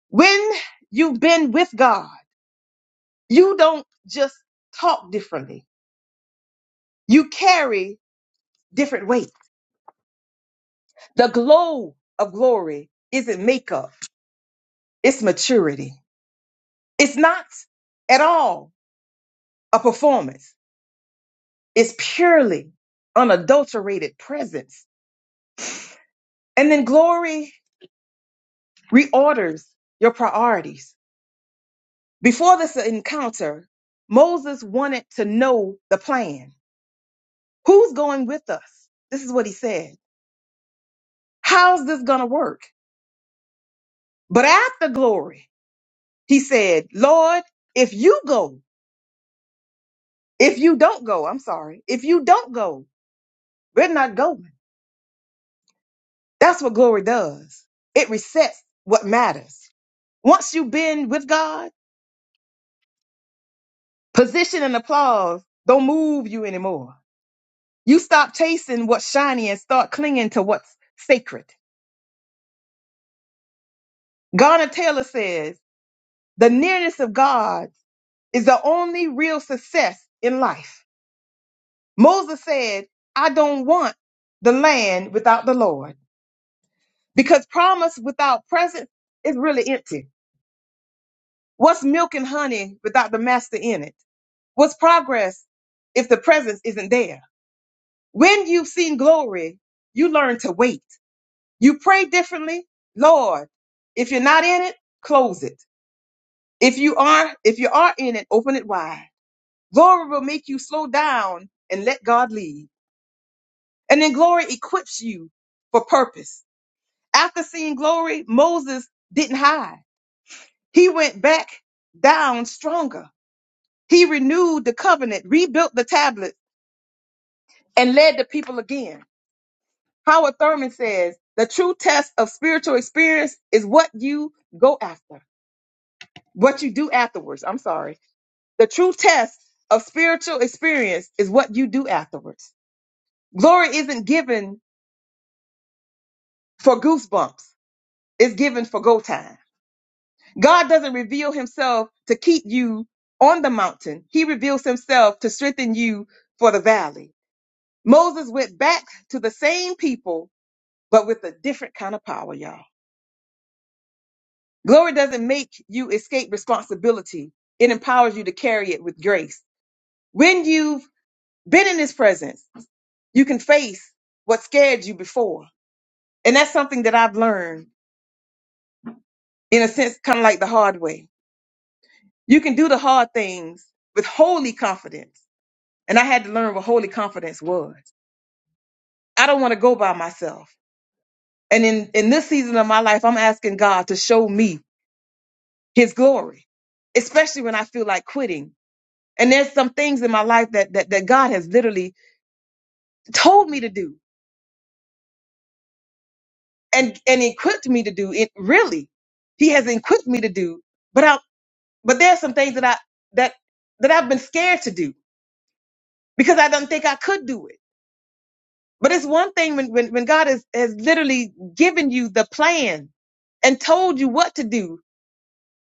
Speaker 4: When you've been with God, you don't just talk differently. You carry different weight. The glow of glory isn't makeup. It's maturity. It's not at all a performance. It's purely unadulterated presence. And then glory reorders your priorities. Before this encounter, Moses wanted to know the plan. Who's going with us? This is what he said. How's this going to work? But after glory, he said, Lord, if you go, if you don't go, I'm sorry, if you don't go, we're not going. That's what glory does. It resets what matters. Once you've been with God, position and applause don't move you anymore. You stop chasing what's shiny and start clinging to what's sacred. Garner Taylor says, the nearness of God is the only real success in life. Moses said, I don't want the land without the Lord because promise without presence is really empty. What's milk and honey without the master in it? What's progress if the presence isn't there? When you've seen glory, you learn to wait. You pray differently. Lord, if you're not in it, close it. If you are, if you are in it, open it wide. Glory will make you slow down and let God lead. And then glory equips you for purpose. After seeing glory, Moses didn't hide. He went back down stronger. He renewed the covenant, rebuilt the tablet, and led the people again. Howard Thurman says the true test of spiritual experience is what you go after, what you do afterwards. I'm sorry. The true test of spiritual experience is what you do afterwards. Glory isn't given for goosebumps, it's given for go time. God doesn't reveal himself to keep you on the mountain. He reveals himself to strengthen you for the valley. Moses went back to the same people, but with a different kind of power, y'all. Glory doesn't make you escape responsibility. It empowers you to carry it with grace. When you've been in his presence, you can face what scared you before. And that's something that I've learned in a sense, kind of like the hard way. You can do the hard things with holy confidence And I had to learn what holy confidence was. I don't want to go by myself. And in, in this season of my life, I'm asking God to show me his glory, especially when I feel like quitting. And there's some things in my life that, that, that God has literally told me to do and, and equipped me to do it really. He has equipped me to do, but I, but there's some things that I, that, that I've been scared to do because I don't think I could do it. But it's one thing when, when, when God has, has literally given you the plan and told you what to do,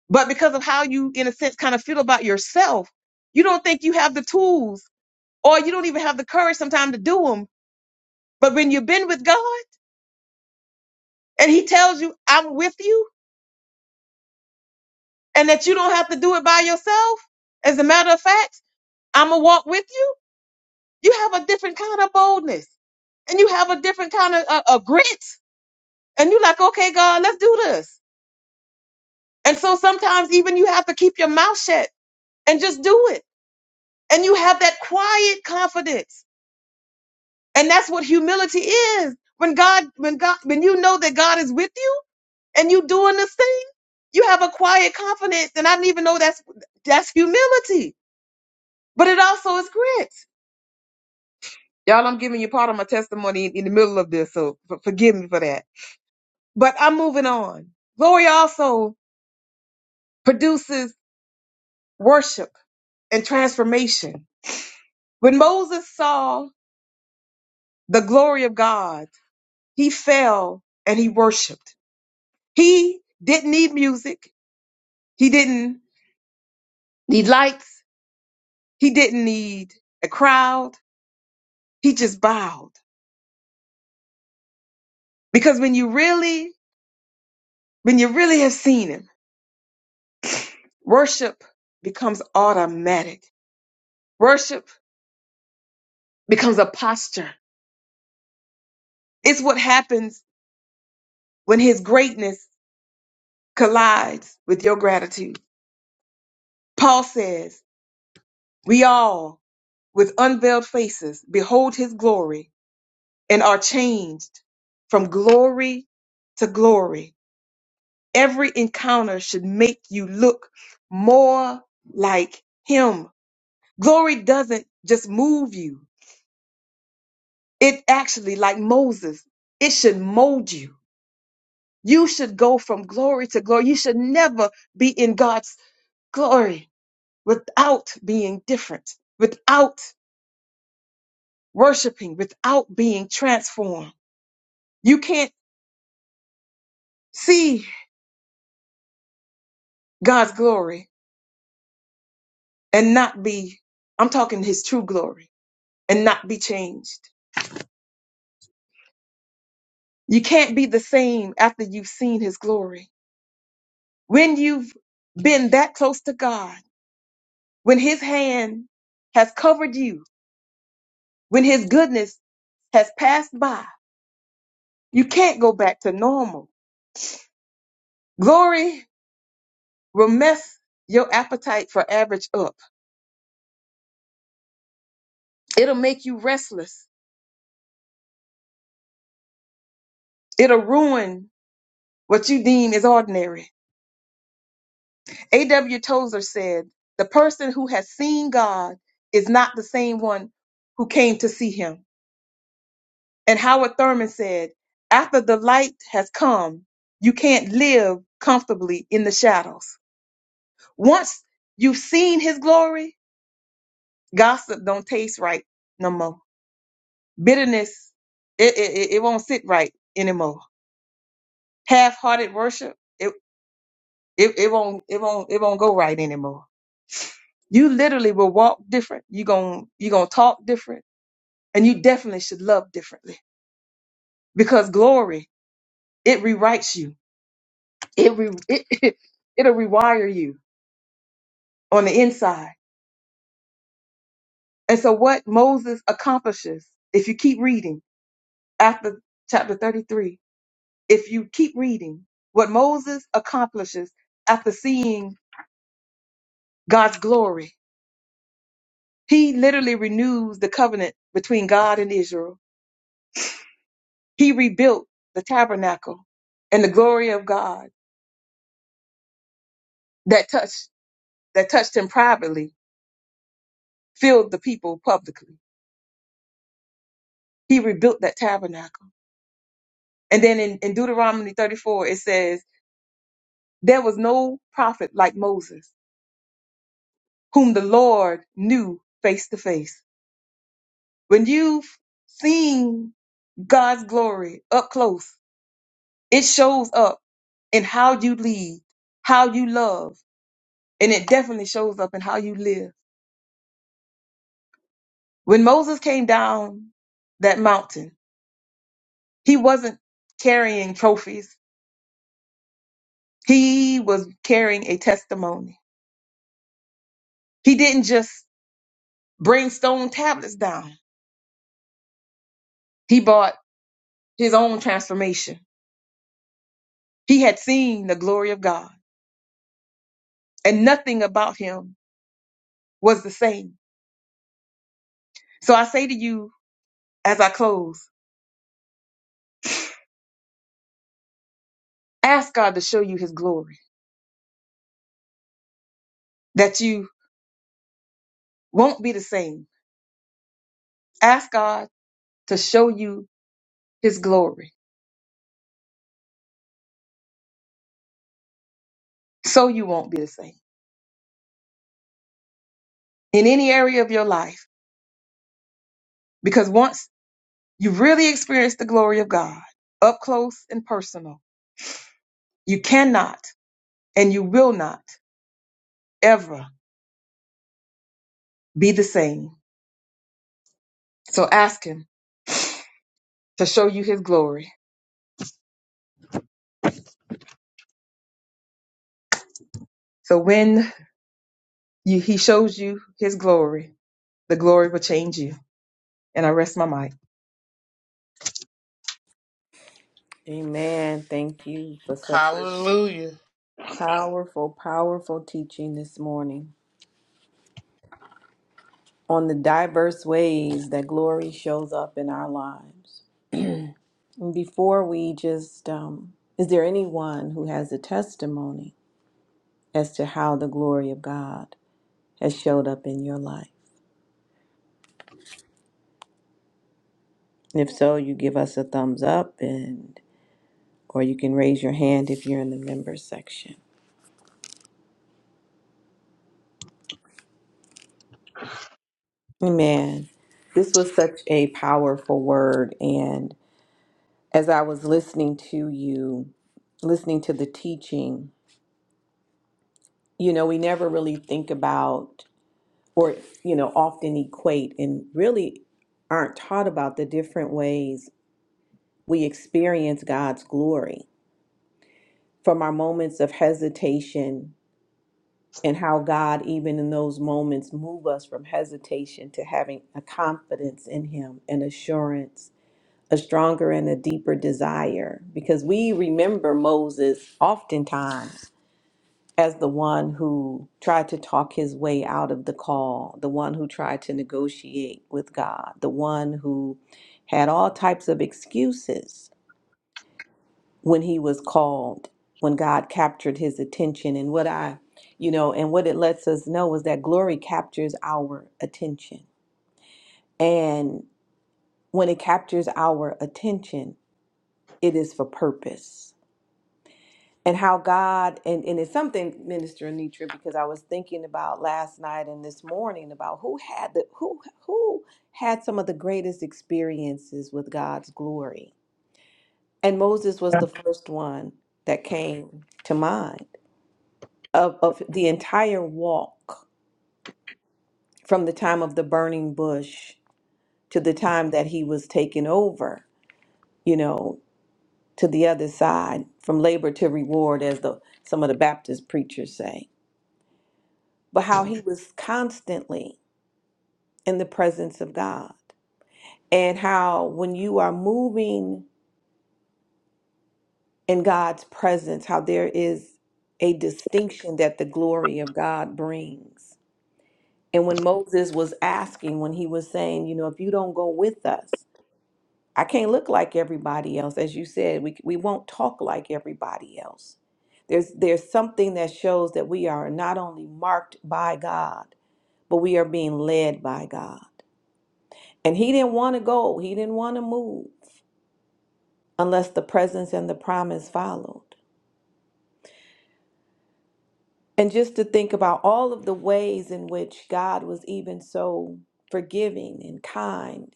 Speaker 4: but because of how you, in a sense, kind of feel about yourself, you don't think you have the tools or you don't even have the courage sometimes to do them. But when you've been with God and He tells you, I'm with you and that you don't have to do it by yourself, as a matter of fact, I'm going to walk with you, you have a different kind of boldness and you have a different kind of uh, uh, grit. And you're like, okay, God, let's do this And so sometimes even you have to keep your mouth shut and just do it. And you have that quiet confidence. And that's what humility is. When God, when God, when you know that God is with you and you doing this thing, you have a quiet confidence. And I didn't even know that's that's humility. But it also is grit. Y'all, I'm giving you part of my testimony in, in the middle of this, so f- forgive me for that. But I'm moving on. Glory also produces worship and transformation. When Moses saw the glory of God. He fell and he worshiped. He didn't need music. He didn't need lights. He didn't need a crowd. He just bowed. Because when you really, when you really have seen him, worship becomes automatic. Worship becomes a posture. It's what happens when his greatness collides with your gratitude. Paul says, we all with unveiled faces behold his glory and are changed from glory to glory. Every encounter should make you look more like him. Glory doesn't just move you. It actually, like Moses, it should mold you. You should go from glory to glory. You should never be in God's glory without being different, without worshiping, without being transformed. You can't see God's glory and not be, I'm talking his true glory, and not be changed. You can't be the same after you've seen his glory. When you've been that close to God, when his hand has covered you, when his goodness has passed by, you can't go back to normal. Glory will mess your appetite for average up. It'll make you restless. It'll ruin what you deem is ordinary. A.W. Tozer said, The person who has seen God is not the same one who came to see him. And Howard Thurman said, After the light has come, you can't live comfortably in the shadows. Once you've seen his glory, gossip don't taste right no more. Bitterness, it, it, it it won't sit right anymore. Half-hearted worship, it, it, it won't, it won't, it won't go right anymore. You literally will walk different. You gon' you gonna talk different and you definitely should love differently because glory it rewrites you it, re- it it'll rewire you on the inside and so what moses accomplishes if you keep reading after chapter 33 if you keep reading what moses accomplishes after seeing god's glory he literally renews the covenant between god and israel he rebuilt the tabernacle and the glory of god that touched that touched him privately filled the people publicly. He rebuilt that tabernacle. And then in, in Deuteronomy 34, it says, There was no prophet like Moses, whom the Lord knew face to face. When you've seen God's glory up close, it shows up in how you lead, how you love, and it definitely shows up in how you live. When Moses came down that mountain, he wasn't carrying trophies, he was carrying a testimony He didn't just bring stone tablets down. He brought his own transformation. He had seen the glory of God and nothing about him was the same. So I say to you as I close, ask God to show you his glory that you won't be the same. Ask God to show you his glory so you won't be the same in any area of your life. Because once you really experience the glory of God up close and personal, you cannot and you will not ever be the same. So ask him to show you his glory. So when you, he shows you his glory, the glory will change you. And I rest my mic.
Speaker 1: Amen. Thank you for such a
Speaker 6: Hallelujah.
Speaker 1: powerful, powerful teaching this morning on the diversity of the God. a thumbs up and or you can amen this was such a powerful word and as i was listening to you listening to the teaching you know we never really think about or you know often equate and really aren't taught about the different ways we experience god's glory from our moments of hesitation and how God, even in those moments, move us from hesitation to having a confidence in Him and assurance a stronger and a deeper desire because we remember Moses oftentimes as the one who tried to talk his way out of the call, the one who tried to negotiate with God, the one who had all types of excuses when he was called, when God captured his attention. And what I, you know, and what it lets us know is that glory captures our attention. And when it captures our attention, it is for purpose and how God and and it's something, Minister Anitra, because I was thinking about last night and this morning about who had the who who had some of the greatest experiences with God's glory, and Moses was the first one that came to mind of of the entire walk from the time of the burning bush to the time that he was taken over, you know, to the other side from labor to reward, as the some of the Baptist preachers say but how he was constantly in the presence of God. And how when you are moving in God's presence, how there is a distinction that the glory of God brings. And when Moses was asking, when he was saying, you know, if you don't go with us, I can't look like everybody else. As you said, we, we won't talk like everybody else. There's, there's something that shows that we are not only marked by God, but we are being led by God. And he didn't want to go, he didn't want to move unless the presence and the promise followed. And just to think about all of the ways in which God was even so forgiving and kind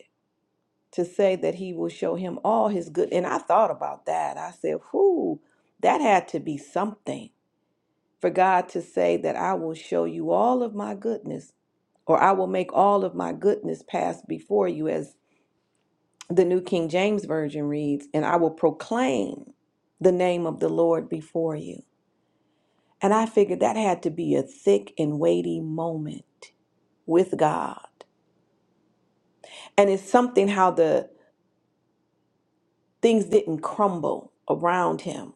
Speaker 1: to say that he will show him all his good. And I thought about that. I said, whoo, that had to be something for God to say that I will show you all of my goodness or I will make all of my goodness pass before you as The New King James Version reads, And I will proclaim the name of the Lord before you. And I figured that had to be a thick and weighty moment with God. And it's something how the things didn't crumble around him,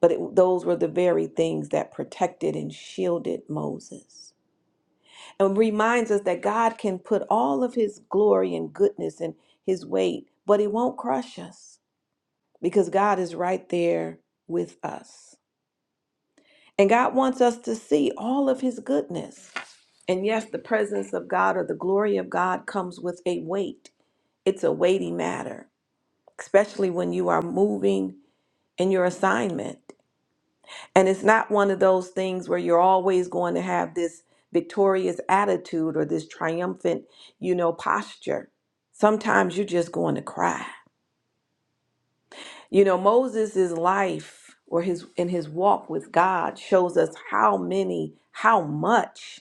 Speaker 1: but it, those were the very things that protected and shielded Moses. And reminds us that God can put all of his glory and goodness and his weight, but he won't crush us because God is right there with us. And God wants us to see all of his goodness. And yes, the presence of God or the glory of God comes with a weight. It's a weighty matter, especially when you are moving in your assignment. And it's not one of those things where you're always going to have this victorious attitude or this triumphant, you know, posture. Sometimes you're just going to cry. You know, Moses' life or his in his walk with God shows us how many, how much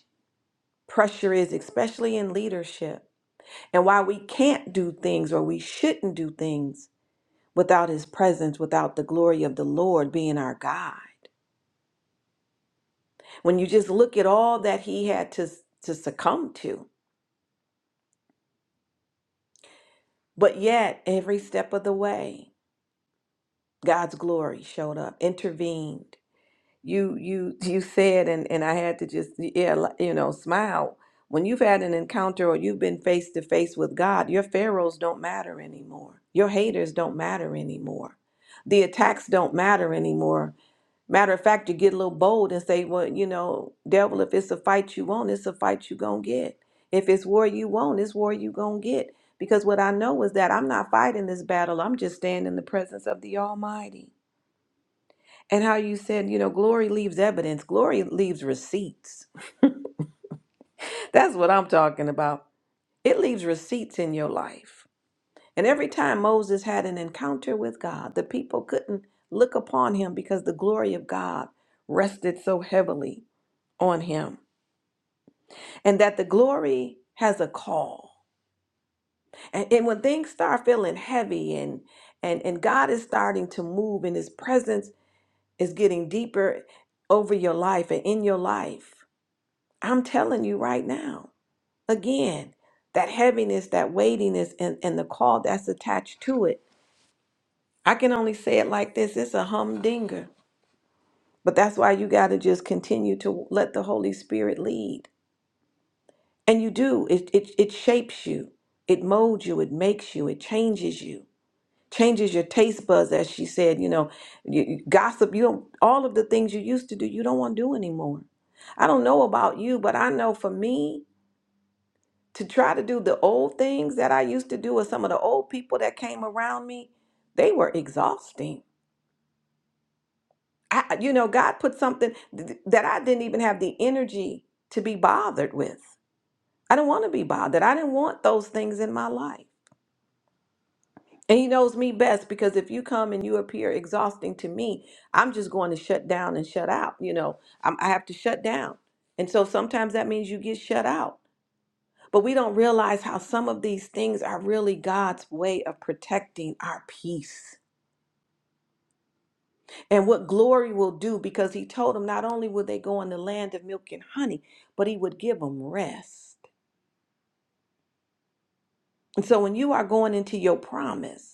Speaker 1: pressure is, especially in leadership, and why we can't do things or we shouldn't do things without His presence, without the glory of the Lord being our guide. When you just look at all that He had to, to succumb to, but yet every step of the way, God's glory showed up, intervened, you you you said and and I had to just yeah li- you know smile when you've had an encounter or you've been face to face with God your pharaohs don't matter anymore your haters don't matter anymore the attacks don't matter anymore matter of fact you get a little bold and say well you know devil if it's a fight you want it's a fight you gonna get if it's war you want it's war you gonna get because what I know is that I'm not fighting this battle I'm just staying in the presence of the Almighty and how you said, you know, glory leaves evidence, glory leaves receipts. That's what I'm talking about. It leaves receipts in your life. And every time Moses had an encounter with God, the people couldn't look upon him because the glory of God rested so heavily on him. And that the glory has a call. And, and when things start feeling heavy and, and and God is starting to move and his presence is getting deeper over your life and in your life I'm telling you right now, again, that heaviness, that weightiness, and, and the call that's attached to it. I can only say it like this it's a humdinger. But that's why you got to just continue to let the Holy Spirit lead. And you do, it, it, it shapes you, it molds you, it makes you, it changes you. Changes your taste buds, as she said. You know, you, you- gossip. You don't. All of the things you used to do, you don't want to do anymore. I don't know about you, but I know for me, to try to do the old things that I used to do with some of the old people that came around me, they were exhausting. I, I- you know, God put something th- that I didn't even have the energy to be bothered with. I didn't want to be bothered. I didn't want those things in my life. And He knows me best because if you come and you appear exhausting to me, I'm just going to shut down and shut out. You know, I'm, I have to shut down. And so sometimes that means you get shut out But we don't realize how some of these things are really God's way of protecting our peace and what glory will do because he told them not only would they go in the land of milk and honey, but he would give them rest. And so when you are going into your promise,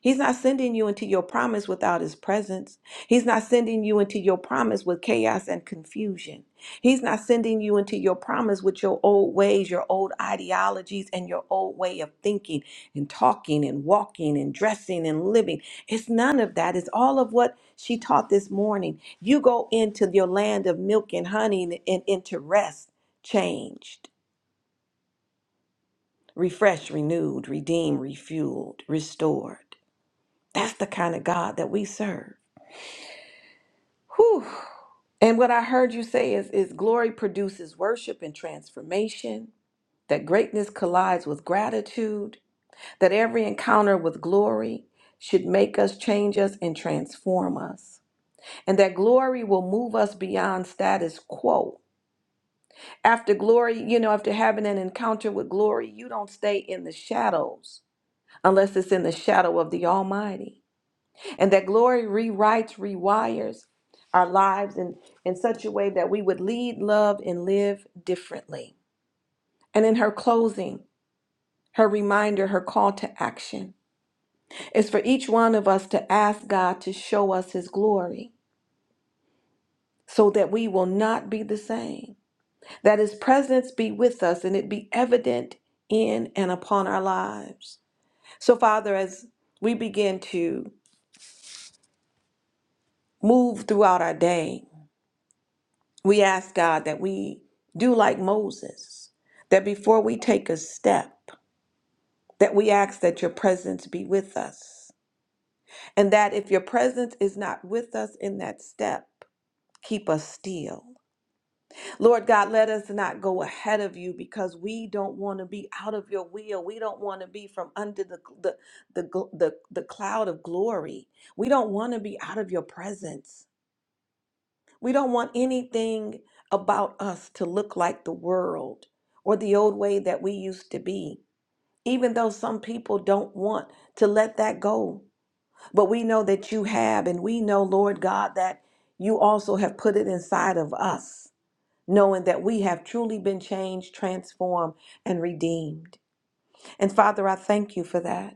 Speaker 1: He's not sending you into your promise without his presence. He's not sending you into your promise with chaos and confusion. He's not sending you into your promise with your old ways, your old ideologies, and your old way of thinking and talking and walking and dressing and living. It's none of that. It's all of what she taught this morning. You go into your land of milk and honey and, and into rest, changed, refreshed, renewed, redeemed, refueled, restored. That's the kind of God that we serve. Whew. And what I heard you say is, is glory produces worship and transformation, that greatness collides with gratitude, that every encounter with glory should make us, change us, and transform us, and that glory will move us beyond status quo. After glory, you know, after having an encounter with glory, you don't stay in the shadows unless it's in the shadow of the Almighty and that glory rewrites, rewires our lives in, in such a way that we would lead, love, and live differently. And in her closing, her reminder, her call to action is for each one of us to ask God to show us his glory so that we will not be the same, that his presence be with us and it be evident in and upon our lives. So, Father, as we begin to move throughout our day, We ask God that we do like Moses, that before we take a step, that we ask that your presence be with us, and that if your presence is not with us in that step, keep us still. Lord God, let us not go ahead of you because we don't want to be out of your will. We don't want to be from under the, the, the, gl- the, the cloud of glory. We don't want to be out of your presence. We don't want anything about us to look like the world or the old way that we used to be, even though some people don't want to let that go. But we know that you have, and we know, Lord God, that you also have put it inside of us, knowing that we have truly been changed, transformed, and redeemed. And Father, I thank you for that.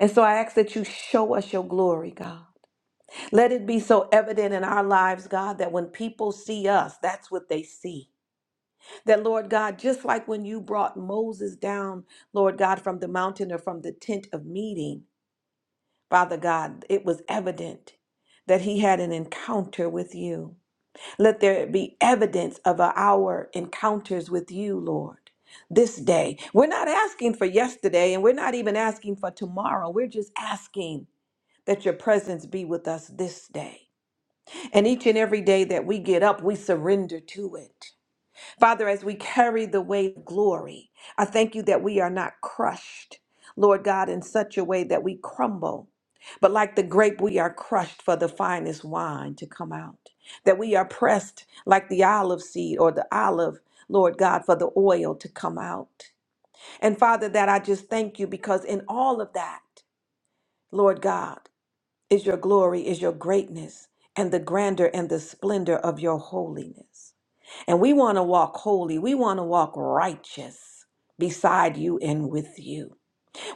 Speaker 1: And so I ask that you show us your glory, God. Let it be so evident in our lives, God, that when people see us, that's what they see. That, Lord God, just like when you brought Moses down, Lord God, from the mountain or from the tent of meeting, Father God, it was evident that he had an encounter with you. Let there be evidence of our encounters with you, Lord. This day. We're not asking for yesterday and we're not even asking for tomorrow. We're just asking that your presence be with us this day. And each and every day that we get up, we surrender to it. Father, as we carry the weight of glory, I thank you that we are not crushed, Lord God, in such a way that we crumble. But like the grape, we are crushed for the finest wine to come out. That we are pressed like the olive seed or the olive, Lord God, for the oil to come out. And Father, that I just thank you because in all of that, Lord God is your glory, is your greatness, and the grandeur and the splendor of your holiness. And we want to walk holy. We want to walk righteous beside you and with you.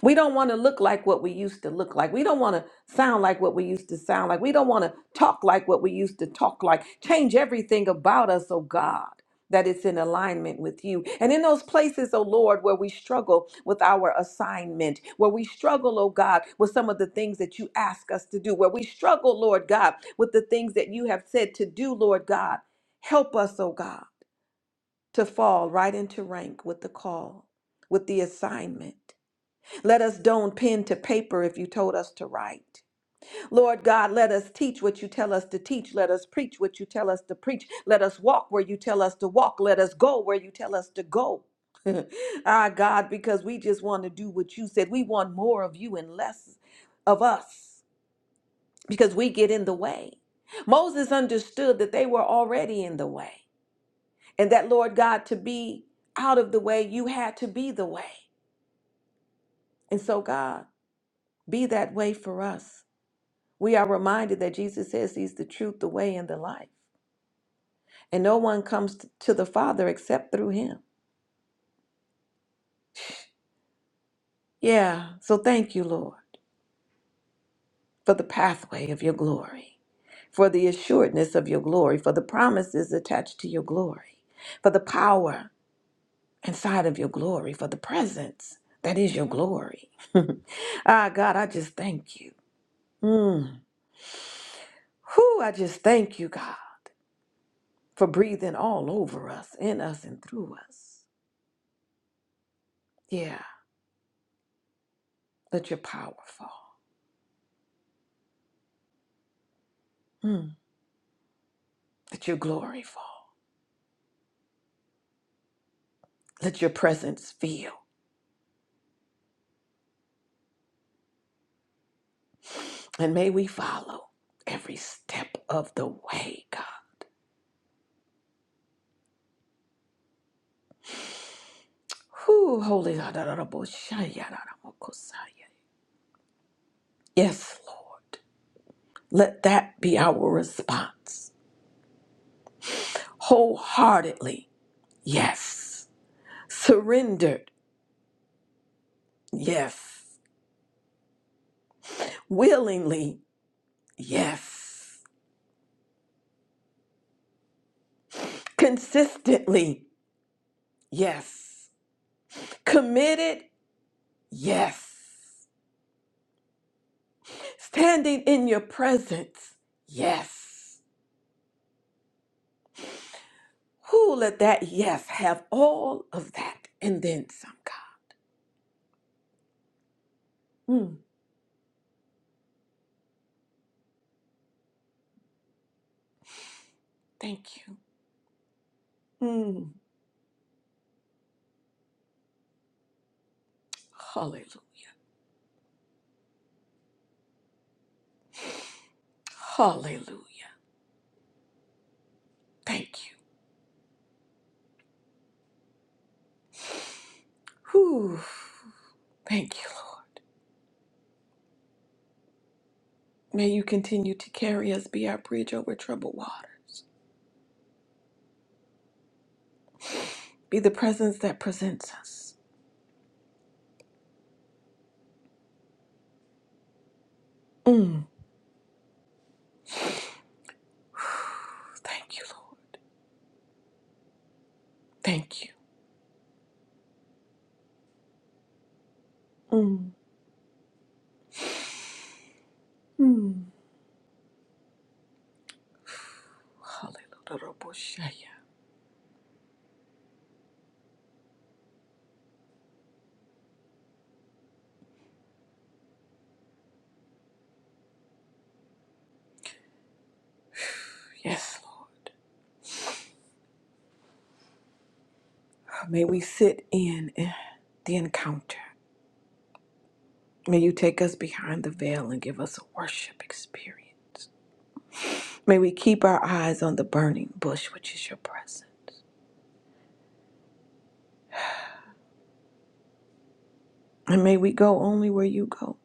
Speaker 1: We don't want to look like what we used to look like. We don't want to sound like what we used to sound like. We don't want to talk like what we used to talk like. Change everything about us, oh God, that it's in alignment with you. And in those places, oh Lord, where we struggle with our assignment, where we struggle, oh God, with some of the things that you ask us to do, where we struggle, Lord God, with the things that you have said to do, Lord God, help us, oh God, to fall right into rank with the call, with the assignment. Let us don't pen to paper if you told us to write. Lord God, let us teach what you tell us to teach. Let us preach what you tell us to preach. Let us walk where you tell us to walk. Let us go where you tell us to go. Our God, because we just want to do what you said. We want more of you and less of us because we get in the way. Moses understood that they were already in the way and that, Lord God, to be out of the way, you had to be the way. And so, God, be that way for us. We are reminded that Jesus says he's the truth, the way, and the life. And no one comes t- to the Father except through him. Yeah, so thank you, Lord, for the pathway of your glory, for the assuredness of your glory, for the promises attached to your glory, for the power inside of your glory, for the presence that is your glory. ah, God, I just thank you. Mm. Whew, I just thank you, God, for breathing all over us, in us, and through us. Yeah, Let Your power fall. Mm. Let your glory fall. Let your presence feel. And may we follow every step of the way, God. Whew, holy. Yes, Lord. Let that be our response. Wholeheartedly, yes. Surrendered, yes. Willingly, yes. Consistently, yes. Committed, yes. standing in your presence. Yes. Who let that yes have all of that and then some, God? Mm, thank you. Mm, hallelujah. Hallelujah. Thank you. Whew. Thank you, Lord. May you continue to carry us, be our bridge over troubled water, be the presence that presents us. Mm, thank you, Lord. Thank you. Mm, mm. Hallelujah. Yes, Lord. May we sit in eh, the encounter. May you take us behind the veil and give us a worship experience. May we keep our eyes on the burning bush, which is your presence. And may we go only where you go,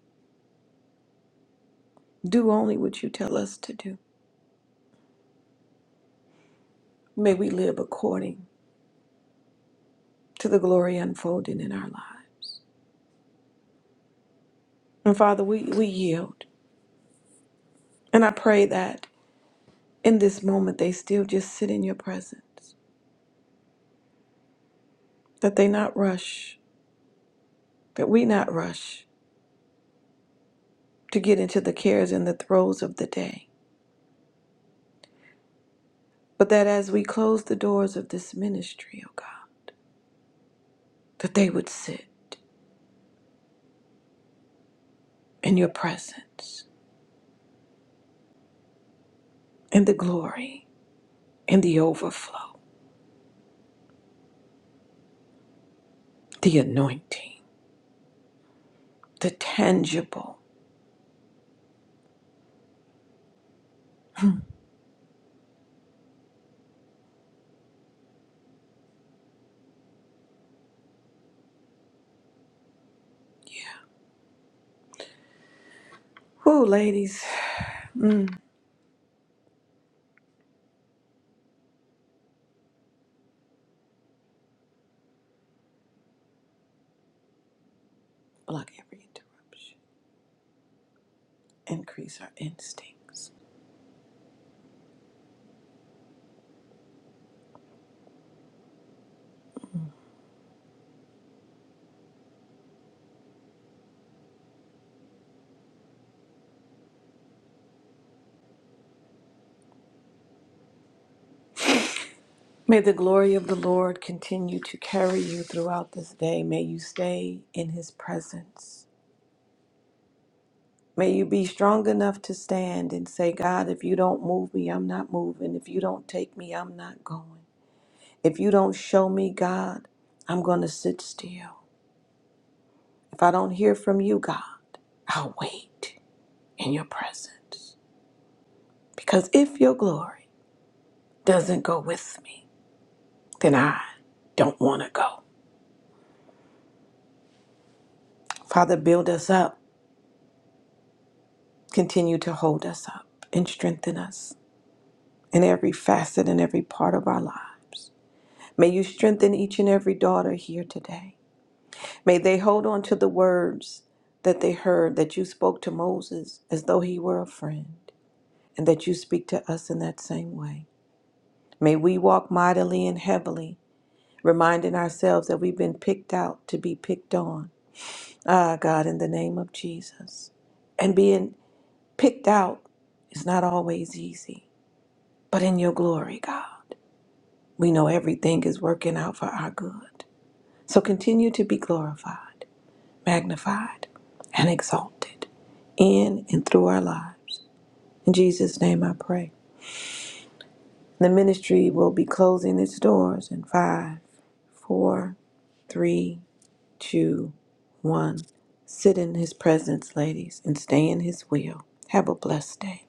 Speaker 1: do only what you tell us to do. May we live according to the glory unfolding in our lives. And Father, we, we yield. And I pray that in this moment they still just sit in your presence, that they not rush, that we not rush, to get into the cares and the throes of the day. But that as we close the doors of this ministry, O God, that they would sit in your presence, in the glory, in the overflow, the anointing, the tangible. Yeah. Whoo, ladies, block every interruption, increase our instincts. May the glory of the Lord continue to carry you throughout this day. May you stay in his presence. May you be strong enough to stand and say, God, if you don't move me, I'm not moving. If you don't take me, I'm not going. If you don't show me, God, I'm going to sit still. If I don't hear from you, God, I'll wait in your presence. Because if your glory doesn't go with me, then I don't want to go. Father, build us up. Continue to hold us up and strengthen us in every facet and every part of our lives. May you strengthen each and every daughter here today. May they hold on to the words that they heard that you spoke to Moses as though he were a friend, and that you speak to us in that same way. May we walk mightily and heavily, reminding ourselves that we've been picked out to be picked on. Ah, God, in the name of Jesus. And being picked out is not always easy, but in your glory, God, we know everything is working out for our good. So continue to be glorified. magnified and exalted in and through our lives. In Jesus' name I pray. The ministry will be closing its doors in five, four, three, two, one. Sit in his presence, ladies, and stay in his will. Have a blessed day.